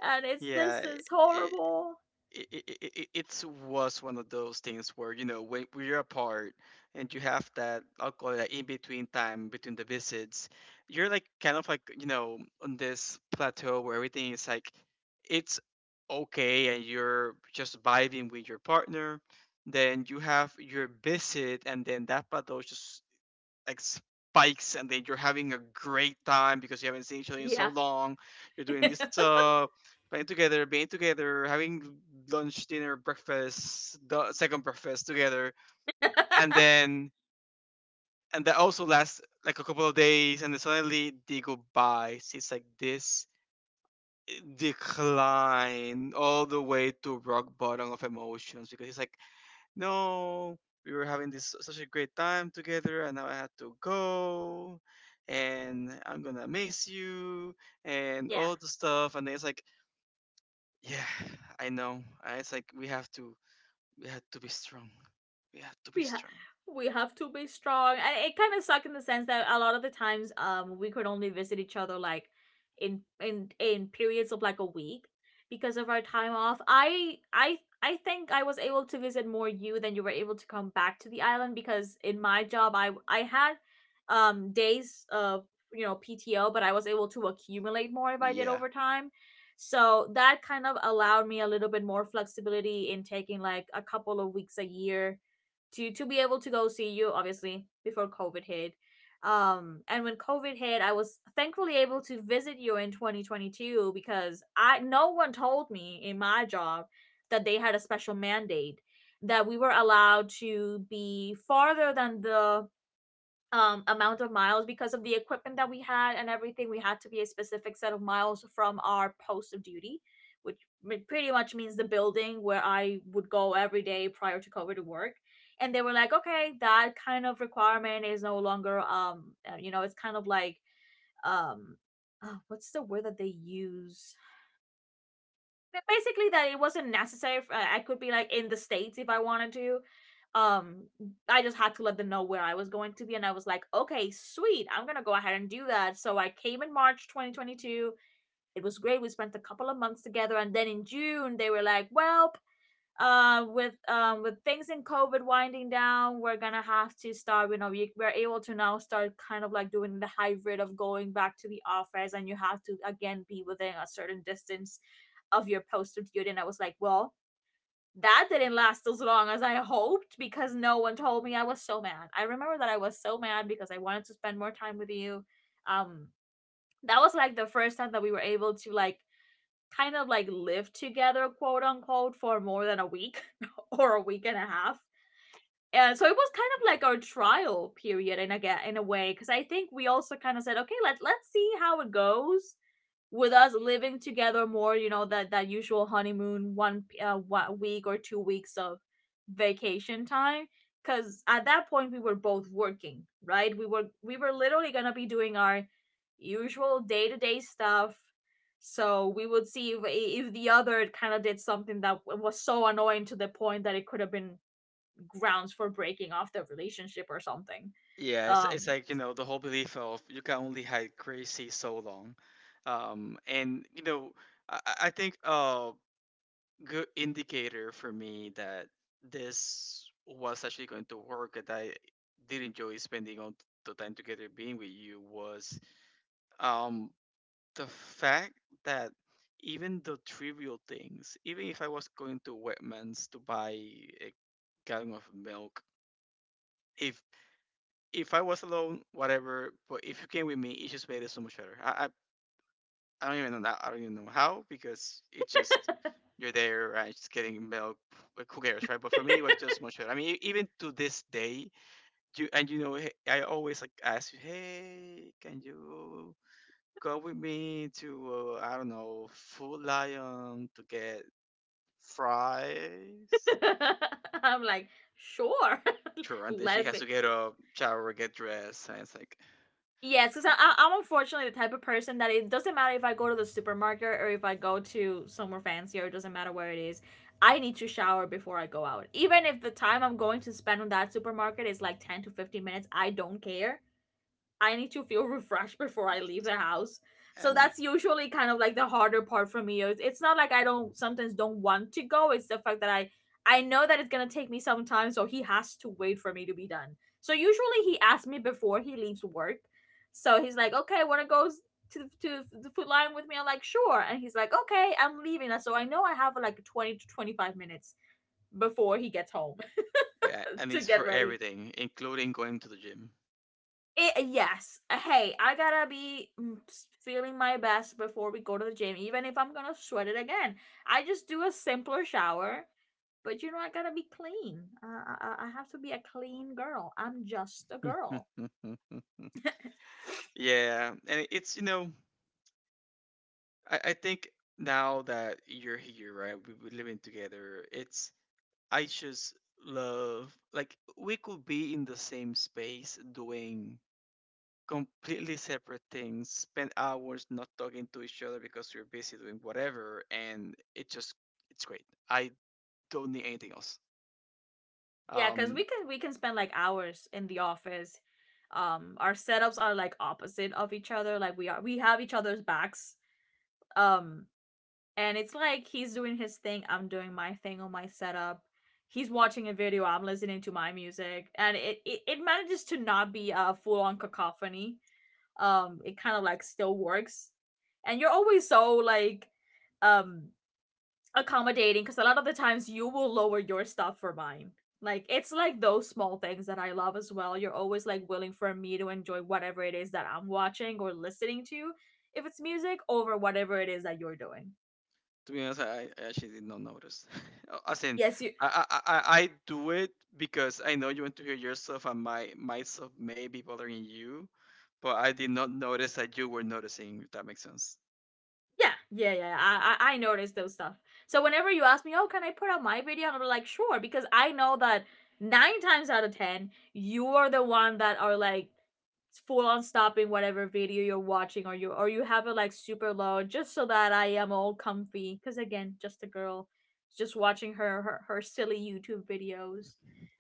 and it's Yeah, this is I horrible. it, it was one of those things where, you know, when we're apart and you have that, I'll call it that in between time between the visits, you're like kind of like, you know, on this plateau where everything is like, it's okay and you're just vibing with your partner. Then you have your visit and then that plateau just like spikes and then you're having a great time because you haven't seen each other in so Yeah. long. You're doing this stuff, playing together, being together, having lunch, dinner, breakfast, the second breakfast together, and then, and that also lasts like a couple of days and then suddenly they go by. So it's like this decline all the way to rock bottom of emotions, because it's like, no, we were having this such a great time together, and now I had to go, and I'm gonna miss you, and Yeah. all the stuff. And it's like, yeah, I know. And it's like we have to be strong. We have to be we have strong. we have to be strong. And it kind of sucked in the sense that a lot of the times we could only visit each other like in periods of like a week, because of our time off. I think I was able to visit more you than you were able to come back to the island, because in my job I had days of, you know, PTO, but I was able to accumulate more if I did Yeah, over time so that kind of allowed me a little bit more flexibility in taking like a couple of weeks a year to be able to go see you, obviously before COVID hit. And when COVID hit, I was thankfully able to visit you in 2022, because I no one told me in my job that they had a special mandate that we were allowed to be farther than the amount of miles. Because of the equipment that we had and everything, we had to be a specific set of miles from our post of duty, which pretty much means the building where I would go every day prior to COVID to work. And they were like, okay, that kind of requirement is no longer you know, it's kind of like um what's the word that they use, basically, that it wasn't necessary. I could be like in the states if I wanted to. Um, I just had to let them know where I was going to be, and I was like, okay, sweet, I'm gonna go ahead and do that. So I came in March 2022. It was great. We spent a couple of months together, and then in June they were like, well, with things in COVID winding down, we're gonna have to start, you know, we're able to now start kind of like doing the hybrid of going back to the office, and you have to again be within a certain distance of your posted duty. And I was like, well, that didn't last as long as I hoped, because no one told me. I was so mad, I remember that. I was so mad because I wanted to spend more time with you. um that was like the first time that we were able to like kind of like lived together, quote unquote, for more than a week or a week and a half. And so it was kind of like our trial period in a, in a way. Because I think we also kind of said, okay, let's see how it goes with us living together more, you know, that usual honeymoon one week or 2 weeks of vacation time, cuz at that point we were both working, right? We were literally going to be doing our usual day-to-day stuff. So we would see if, the other kind of did something that was so annoying to the point that it could have been grounds for breaking off the relationship or something. yeah. It's Um like you know the whole belief of you can only hide crazy so long, and you know, I think good indicator for me that this was actually going to work, that I did enjoy spending all the time together being with you, was um the fact that even the trivial things, even if I was going to Wegmans to buy a gallon of milk, if if I was alone, whatever, but if you came with me, it just made it so much better. I don't even know that. I don't even know how, because it's just you're there, right? Just getting milk. Like, who cares, right? But for me, it was just much better. I mean, e- even to this day, you and you know, he- I always like ask you, hey, can you go with me to, I don't know, Food Lion to get fries? I'm like, sure. Sure. And then she Let has me, to get up, shower, get dressed, and it's like, yes, because I'm unfortunately the type of person that it doesn't matter if I go to the supermarket or if I go to somewhere fancier, it doesn't matter where it is. I need to shower before I go out. Even if the time I'm going to spend on that supermarket is like 10 to 15 minutes, I don't care. I need to feel refreshed before I leave the house. So and that's usually kind of like the harder part for me. It's not like I don't sometimes don't want to go. It's the fact that I know that it's gonna take me some time, so he has to wait for me to be done. So usually he asks me before he leaves work. So he's like, okay, wanna go to the food line with me? I'm like, sure. And he's like, okay, I'm leaving. So I know I have like 20 to 25 minutes before he gets home yeah, and to it's get for ready. everything, including going to the It, yes. Hey, I gotta be, mm, feeling my best before we go to the gym, even if I'm gonna sweat it again. I just do a simpler shower, but, you know, I gotta be clean. I have to be a clean girl. I'm just a gym. girl. Yeah, and it's you know, I think now that you're here, right, we, we're living together. It's I just love like we could be in the same space doing completely separate things, spend hours not talking to each other because we're busy doing whatever, and it just it's great. I don't need anything else. Yeah, because Um, we can spend like hours in the office. Our setups are like opposite of each other. Like we have each other's backs. Um, and it's like he's doing his thing, I'm doing my thing on my setup. He's watching a video, I'm listening to my music, and it manages to not be a full-on cacophony. It kind of like still works. And you're always so like um accommodating, because a lot of the times you will lower your stuff for mine. Like, it's like those small things that I love as well. You're always like willing for me to enjoy whatever it is that I'm watching or listening to, if it's music, over whatever it is that you're doing. To be honest, I actually did not notice. As in, Yes, you. I I do it because I know you want to hear yourself, and my myself may be bothering you, but I did not notice that you were noticing. If that makes sense. Yeah, yeah, yeah. Yeah, I notice those stuff. So whenever you ask me, "Oh, can I put out my video?" I'm like, sure, because I know that nine times out of ten, you are the one that are like full on stopping whatever video you're watching, or you have it like super low, just so that I am all comfy. Because again, just a girl, just watching her silly YouTube videos,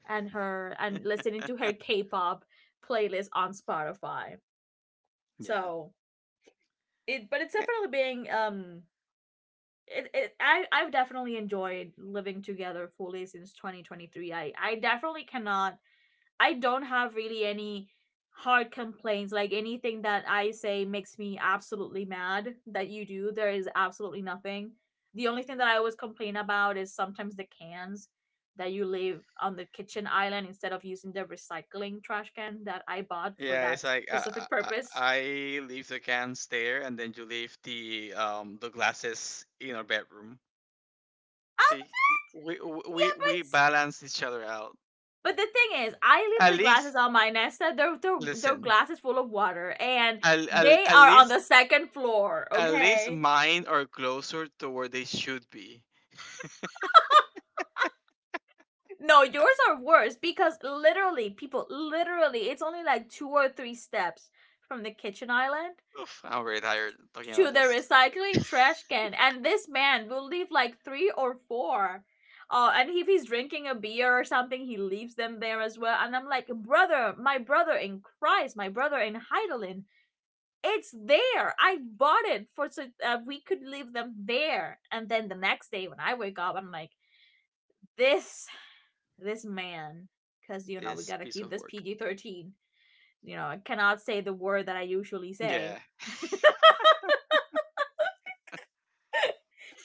and her and listening to her K-pop playlist on Spotify. Yeah. So, it's Eh, definitely being it, it I I've definitely enjoyed living together fully since 2023. I definitely cannot. I don't have really any hard complaints, like anything that I say makes me absolutely mad that you do. There is absolutely nothing. The only thing that I always complain about is sometimes the cans that you leave on the kitchen island instead of using the recycling trash can that I bought for yeah, that it's like specific purpose. I leave the cans there, and then you leave the glasses in our bedroom. Um See, yeah, but we balance each other out. but the thing is, I leave At the glasses least, on my Nesta. They're listen. glasses full of water, and they At are on least, the second floor, at least okay? mine are closer to where they should be. No, yours are worse because, literally, people, literally, it's only like two or three steps from the kitchen island Oof, I'm really tired talking to about the this recycling trash can. And this man will leave like three or four. And if he's drinking a beer or something, he leaves them there as well. And I'm like, brother, my brother in Christ, my brother in Heidelin, it's there. I bought it for so we could leave them there. And then the next day when I wake up, I'm like, this man, because you know we this gotta piece of keep this work. PG-13. You know, I cannot say the word that I usually say. Yeah,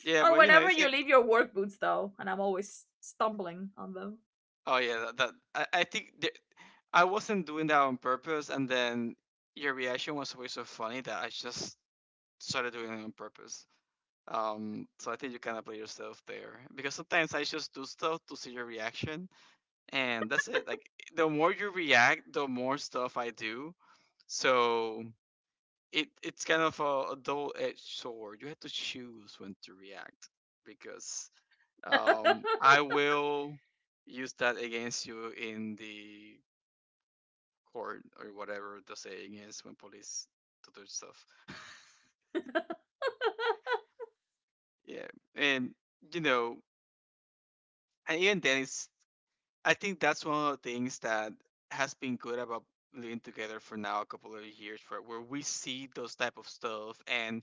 yeah, Or but you know, whenever it's you like, leave your work boots though, and I'm always stumbling on them. oh yeah, that, that I think there, I wasn't doing that on purpose, and then your reaction was always so funny that I just started doing it on purpose. So I think you kind of play yourself there because sometimes I just do stuff to see your reaction, and that's it. Like the more you react, the more stuff I do. So it it's kind of a double-edged sword. You have to choose when to react because, I will use that against you in the court or whatever the saying is when police do their stuff. Yeah, and you know, and even then, it's I think that's one of the things that has been good about living together for now a couple of years, where where we see those type of stuff and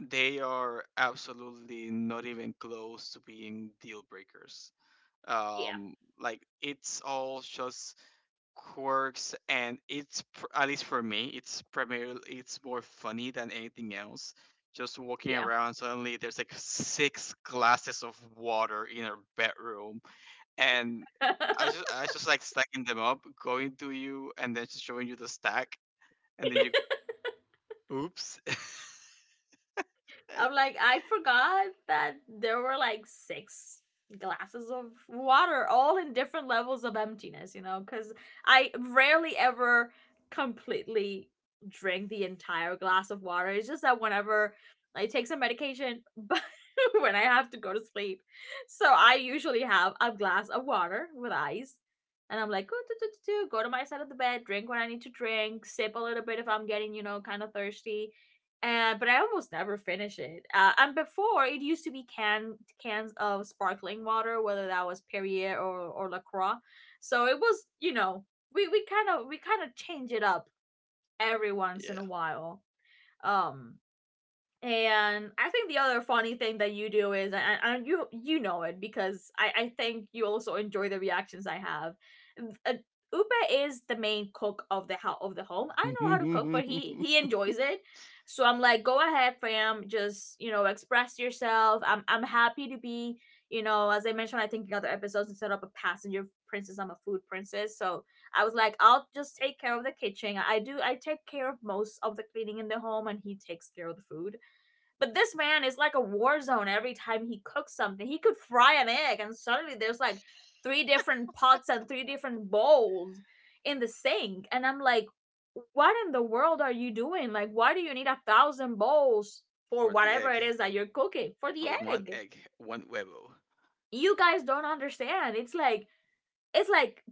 they are absolutely not even close to being deal breakers. Yeah, Um, like it's all just quirks, and it's at least for me, it's primarily it's more funny than anything else. Just walking yeah. around, suddenly there's like six glasses of water in our bedroom, and I just like stacking them up, going to you, and then just showing you the stack, and then you, oops. I'm like, I forgot that there were like six glasses of water, all in different levels of emptiness, you know, because I rarely ever completely drink the entire glass of water. It's just that whenever I take some medication, but when I have to go to sleep, so I usually have a glass of water with ice. And I'm like, "Ooh, do, do, do, do, go to my side of the bed, drink what I need to drink, sip a little bit if I'm getting, you know, kind of thirsty," but I almost never finish it. And before it used to be cans of sparkling water, whether that was Perrier or Lacroix. So it was, you know, we kind of change it up every once in Yeah. a while. Um, and I think the other funny thing that you do is, and you know it because I think you also enjoy the reactions I have. Uh, Upe is the main cook of the house, of the home. I know how to cook, but he enjoys it. So I'm like, go ahead, fam. Just, you know, express yourself. I'm happy to be. You know, as I mentioned, I think in other episodes, instead of a passenger princess, I'm a food princess. So I was like, I'll just take care of the kitchen. I do. I take care of most of the cleaning in the home, and he takes care of the food. But this man is like a war zone every time he cooks something. He could fry an egg and suddenly there's like three different pots and three different bowls in the sink. And I'm like, what in the world are you doing? Like, why do you need a thousand bowls for For the whatever egg. it is that you're cooking, for the For one egg? egg, one huevo. You guys don't understand. It's like, it's like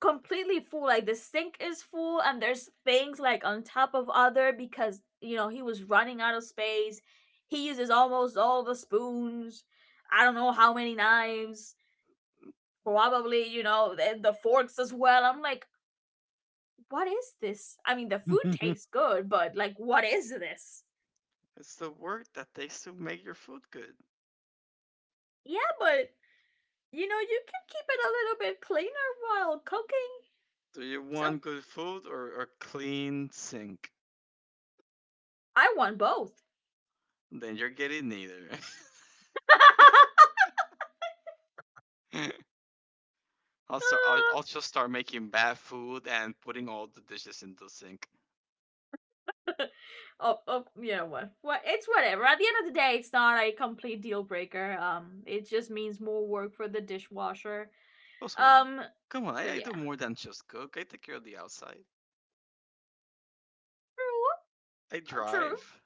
completely full. Like, the sink is full, and there's things like on top of other because you know he was running out of space. He uses almost all the spoons. I don't know how many knives. Probably, you know, the forks as well. I'm like, what is this? I mean, the food tastes good, but like, what is this? It's the work that takes to make your food good. Yeah, but you know you can keep it a little bit cleaner while cooking. Do you Some want good food or a clean sink? I want both. Then you're getting neither. I'll just start making bad food and putting all the dishes in the sink. Uh, oh, you know what? It's whatever. At the end of the day, it's not a complete deal breaker. It just means more work for the dishwasher. Also, Um, come on, but I do yeah, more than just cook. I take care of the outside. true, I true. drive.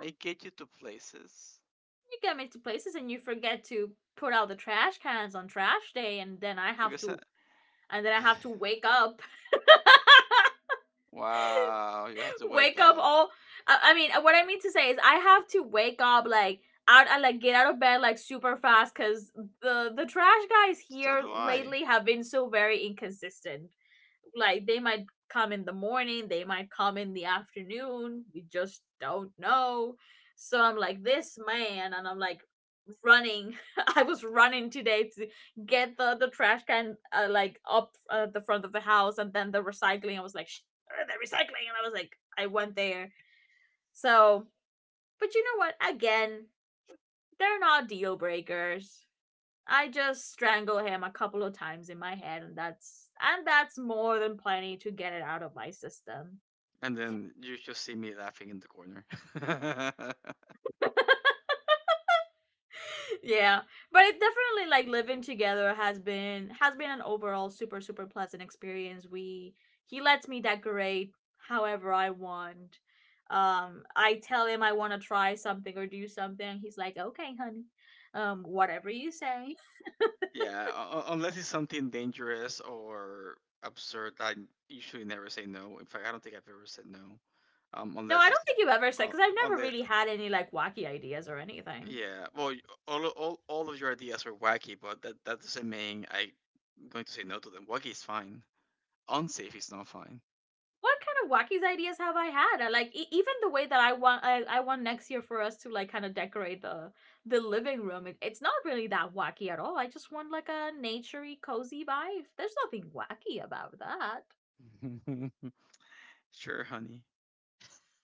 I get you to places. you get me to places, and you forget to put out the trash cans on trash day, and then I have Because I... to, and then I have to wake up, Wow, you have to wake wake up up. all. I mean, what I mean to say is I have to wake up like out and like get out of bed like super fast, because the trash guys So here do I. lately have been so very inconsistent, like they might come in the morning, they might come in the afternoon. We just don't know. So I'm like this man and I'm like running. I was running today to get the trash can like up, the front of the house, and then the recycling. I was like, "Shh," the recycling, and I was like, I went there. So, but you know what? Again, they're not deal breakers. I just strangle him a couple of times in my head, and that's more than plenty to get it out of my system. And then you just see me laughing in the corner. Yeah. But it definitely, like, living together has been an overall super super pleasant experience. We He lets me decorate however I want. I tell him I want to try something or do something. He's like, "Okay, honey." Whatever you say. Yeah, unless it's something dangerous or absurd, I usually never say no. In fact, I don't think I've ever said no. No, I Unless don't it's think you've ever said, uh, cuz I've on never the really had any like wacky ideas or anything. yeah. Well, y- all o- all all of your ideas were wacky, but that that doesn't mean I'm going to say no to them. Wacky is fine. Unsafe is not fine. What kind of wackies ideas have I had? Like, even the way that I want, I want next year for us to like kind of decorate the living room. It's not really that wacky at all. I just want like a naturey, cozy vibe. There's nothing wacky about that. Sure, honey.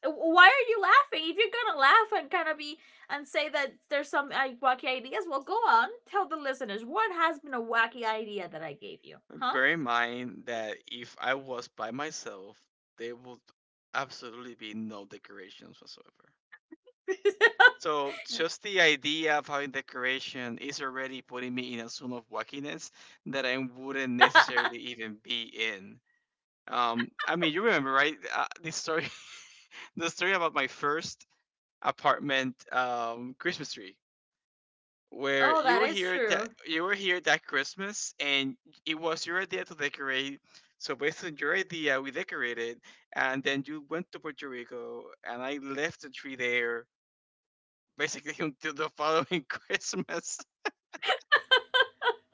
Why are you laughing? If you're gonna laugh and kind of be and say that there's some wacky ideas, well, go on, tell the listeners what has been a wacky idea that I gave you, huh? Bear in mind that if I was by myself, there would absolutely be no decorations whatsoever. So You- just the idea of having decoration is already putting me in a zone of wackiness that I wouldn't necessarily even be in. I mean, you remember, right? The story, the story about my first apartment, Christmas tree. Where oh, you that were is here, true. That Christmas, and it was your idea to decorate. So based on your idea, we decorated, and then you went to Puerto Rico, and I left the tree there basically until the following Christmas.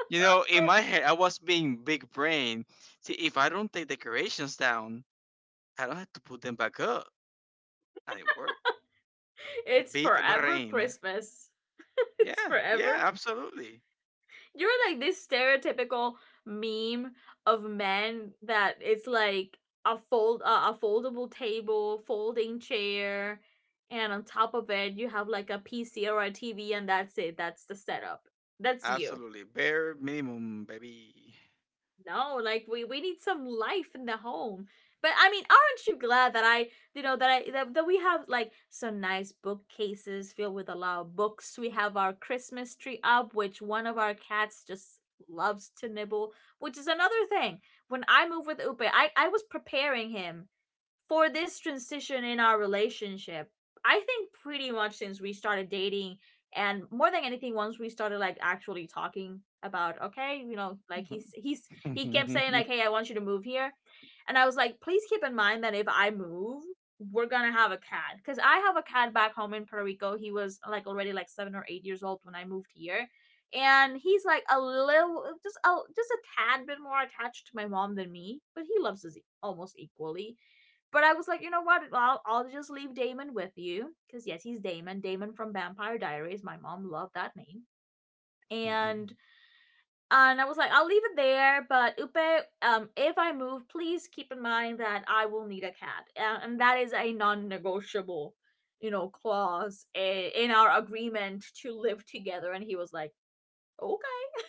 You know, in my head, I was being big brain. See, if I don't take decorations down, I don't have to put them back up, and it worked. It's Big forever brain. Christmas. It's Yeah, yeah, forever. absolutely, You're like this stereotypical meme of men that it's like a foldable table, folding chair, and on top of it you have like a PC or a TV, and that's it. That's the setup. That's you. absolutely. Bare minimum, baby. No, like we need some life in the home. But I mean, aren't you glad that I, you know, that I that, that we have like some nice bookcases filled with a lot of books? We have our Christmas tree up, which one of our cats just loves to nibble, which is another thing. When I moved with Upe, I was preparing him for this transition in our relationship, I think pretty much since we started dating, and more than anything, once we started like actually talking about, okay, you know, like he kept saying, like, hey, I want you to move here. And I was like, please keep in mind that if I move, we're gonna have a cat, cause I have a cat back home in Puerto Rico. He was like already like 7 or 8 years old when I moved here. And he's like a little, just a tad bit more attached to my mom than me, but he loves us almost equally. But I was like, you know what? I'll just leave Damon with you. Because, yes, he's Damon. Damon from Vampire Diaries. My mom loved that name. Mhm. And and I was like, I'll leave it there. But Upe, if I move, please keep in mind that I will need a cat, and that is a non-negotiable, you know, clause, in our agreement to live together. And he was like, okay.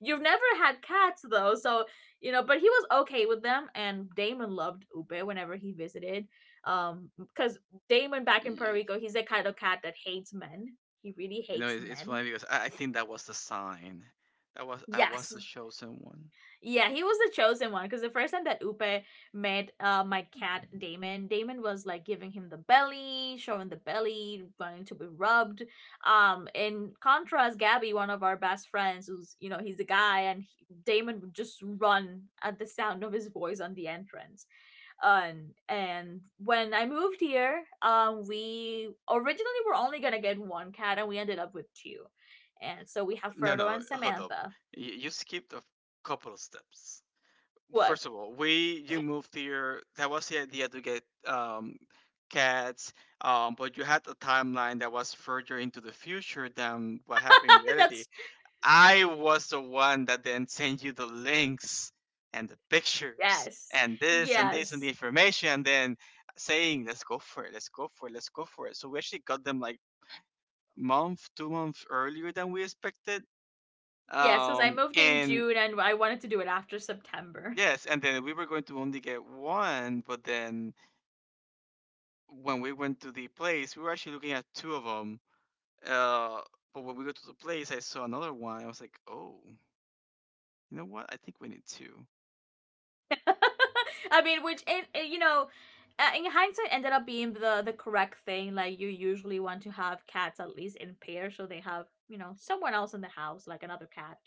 You've never had cats though, so, you know, but he was okay with them, and Damon loved Ube whenever he visited. Cuz Damon back in Puerto Y- Rico, he's the kind of cat that hates men. He really You know, hates it's men. funny because I think that was the sign. That was I was Yes. the chosen one. Yeah, he was the chosen one, because the first time that Upe met my cat Damon, Damon was like giving him the belly, showing the belly, wanting to be rubbed. In contrast, Gabby, one of our best friends, who's he's a guy, and he, Damon would just run at the sound of his voice on the entrance. And when I moved here, we originally were only gonna get one cat, and we ended up with two, and so we have No, Frodo no, and hold up. Samantha. You skipped a couple of steps. What? First of all, we you moved here. That was the idea to get cats, but you had a timeline that was further into the future than what happened in reality. That's I was the one that then sent you the links and the pictures yes. and this and this and the Yes. information and then saying, let's go for it, let's go for it, let's go for it. So we actually got them like month, 2 months earlier than we expected. Yes, because I moved in And June and I wanted to do it after September. yes, and then we were going to only get one, but then when we went to the place, we were actually looking at two of them. Uh, but when we go to the place, I saw another one. I was like, oh, you know what? I think we need two. I mean, which in- you know, in hindsight, ended up being the correct thing. Like you usually want to have cats at least in pairs, so they have you know someone else in the house, like another cat,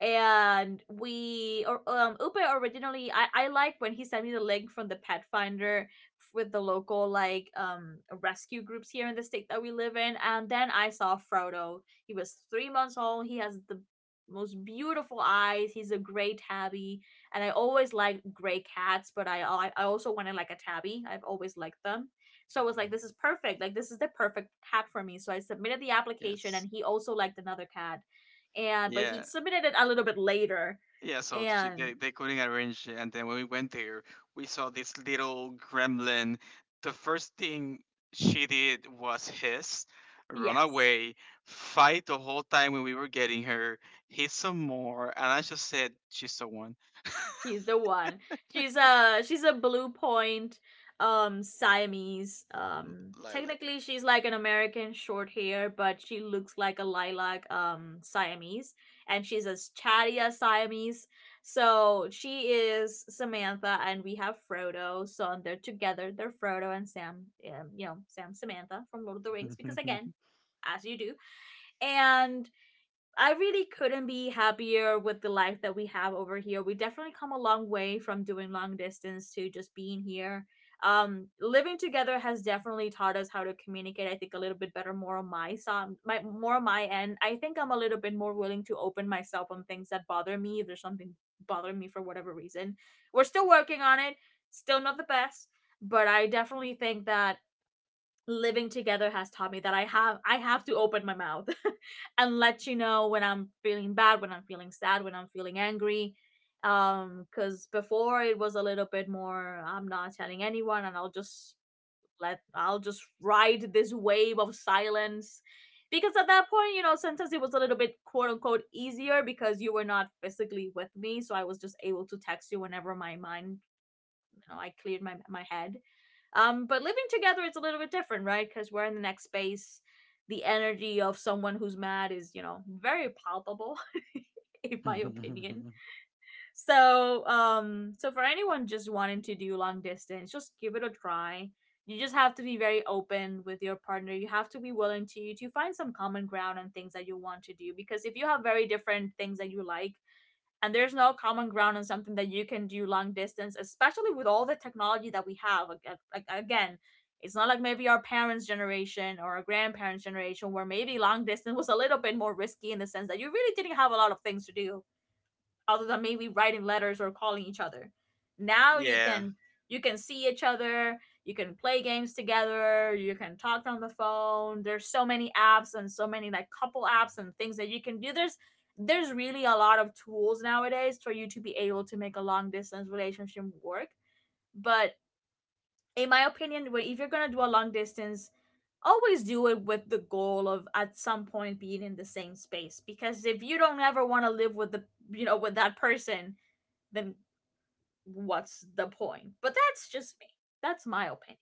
and we or Upe originally I like when he sent me the link from the pet finder with the local like rescue groups here in the state that we live in, and then I saw Frodo. He was 3 months old. He has the most beautiful eyes. He's a gray tabby, and I always like gray cats, but I also wanted like a tabby. I've always liked them. So I was like, this is perfect. Like this is the perfect cat for me. So I submitted the application, Yes. and he also liked another cat, and but he Yeah, submitted it a little bit later, yeah. So she, and they couldn't arrange it, and then when we went there, we saw this little gremlin. The first thing she did was hiss, run yes, away, fight the whole time when we were getting her, hit some more, and I just said she's the one. he's the one. She's a blue point Siamese. Lilac. Technically she's like an American short hair, but she looks like a lilac Siamese, and she's as chatty as Siamese. So she is Samantha and we have Frodo. So they're together. They're Frodo and Sam, Sam Samantha from Lord of the Rings because again, as you do. And I really couldn't be happier with the life that we have over here. We definitely come a long way from doing long distance to just being here. Living together has definitely taught us how to communicate. I think a little bit better, more on my side, my more on my end. I think I'm a little bit more willing to open myself on things that bother me. If there's something bothering me for whatever reason, we're still working on it. Still not the best, but I definitely think that living together has taught me that I have to open my mouth and let you know when I'm feeling bad, when I'm feeling sad, when I'm feeling angry. Because before it was a little bit more I'm not telling anyone, and I'll just ride this wave of silence. Because at that point, you know, sometimes it was a little bit quote unquote easier because you were not physically with me. So I was just able to text you whenever my mind, you know, I cleared my head. But living together it's a little bit different, right? Because we're in the next space. The energy of someone who's mad is, you know, very palpable, in my opinion. So for anyone just wanting to do long distance, just give it a try. You just have to be very open with your partner. You have to be willing to find some common ground on things that you want to do, because if you have very different things that you like, and there's no common ground on something that you can do long distance, especially with all the technology that we have, like again, it's not like maybe our parents generation or our grandparents generation, where maybe long distance was a little bit more risky in the sense that you really didn't have a lot of things to do other than maybe writing letters or calling each other. Now you Yeah. can, you can see each other, you can play games together, you can talk on the phone. There's so many apps and so many like couple apps and things that you can do. There's really a lot of tools nowadays for you to be able to make a long distance relationship work. But in my opinion, if you're gonna do a long distance, always do it with the goal of at some point being in the same space. Because if you don't ever want to live with the you know with that person, then what's the point? But that's just me. That's my opinion.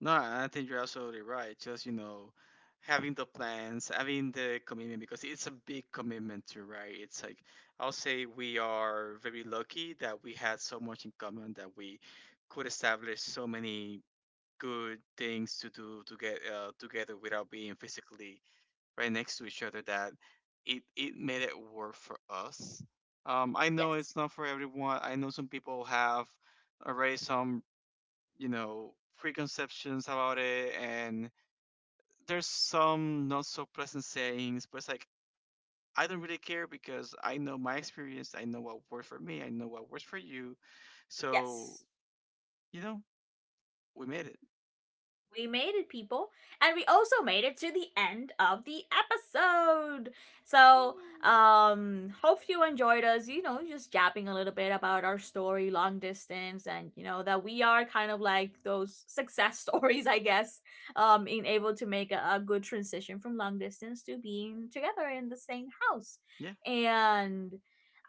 No, I think you're absolutely right. Just, you know, having the plans, having the commitment, because it's a big commitment too, right? It's like, I'll say we are very lucky that we had so much in common that we could establish so many good things to do to get, together without being physically right next to each other, that it made it work for us. I know Yes. it's not for everyone. I know some people have already some, you know, preconceptions about it, and there's some not so pleasant sayings, but it's like, I don't really care because I know my experience, I know what works for me, I know what works for you. So, Yes. you know, we made it. We made it, people. And we also made it to the end of the episode. So, hope you enjoyed us, you know, just jabbing a little bit about our story, long distance, and, you know, that we are kind of like those success stories, I guess, in able to make a good transition from long distance to being together in the same house. Yeah, And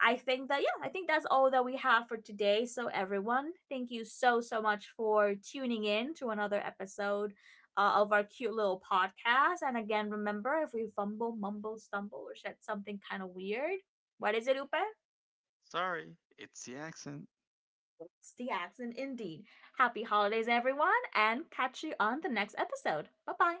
I think that, yeah, I think that's all that we have for today. So, everyone, thank you so, so much for tuning in to another episode of our cute little podcast. And again, remember if we fumble, mumble, stumble, or said something kind of weird, what is it, Upe? sorry, it's the accent. It's the accent indeed. Happy holidays, everyone, and catch you on the next episode. Bye bye.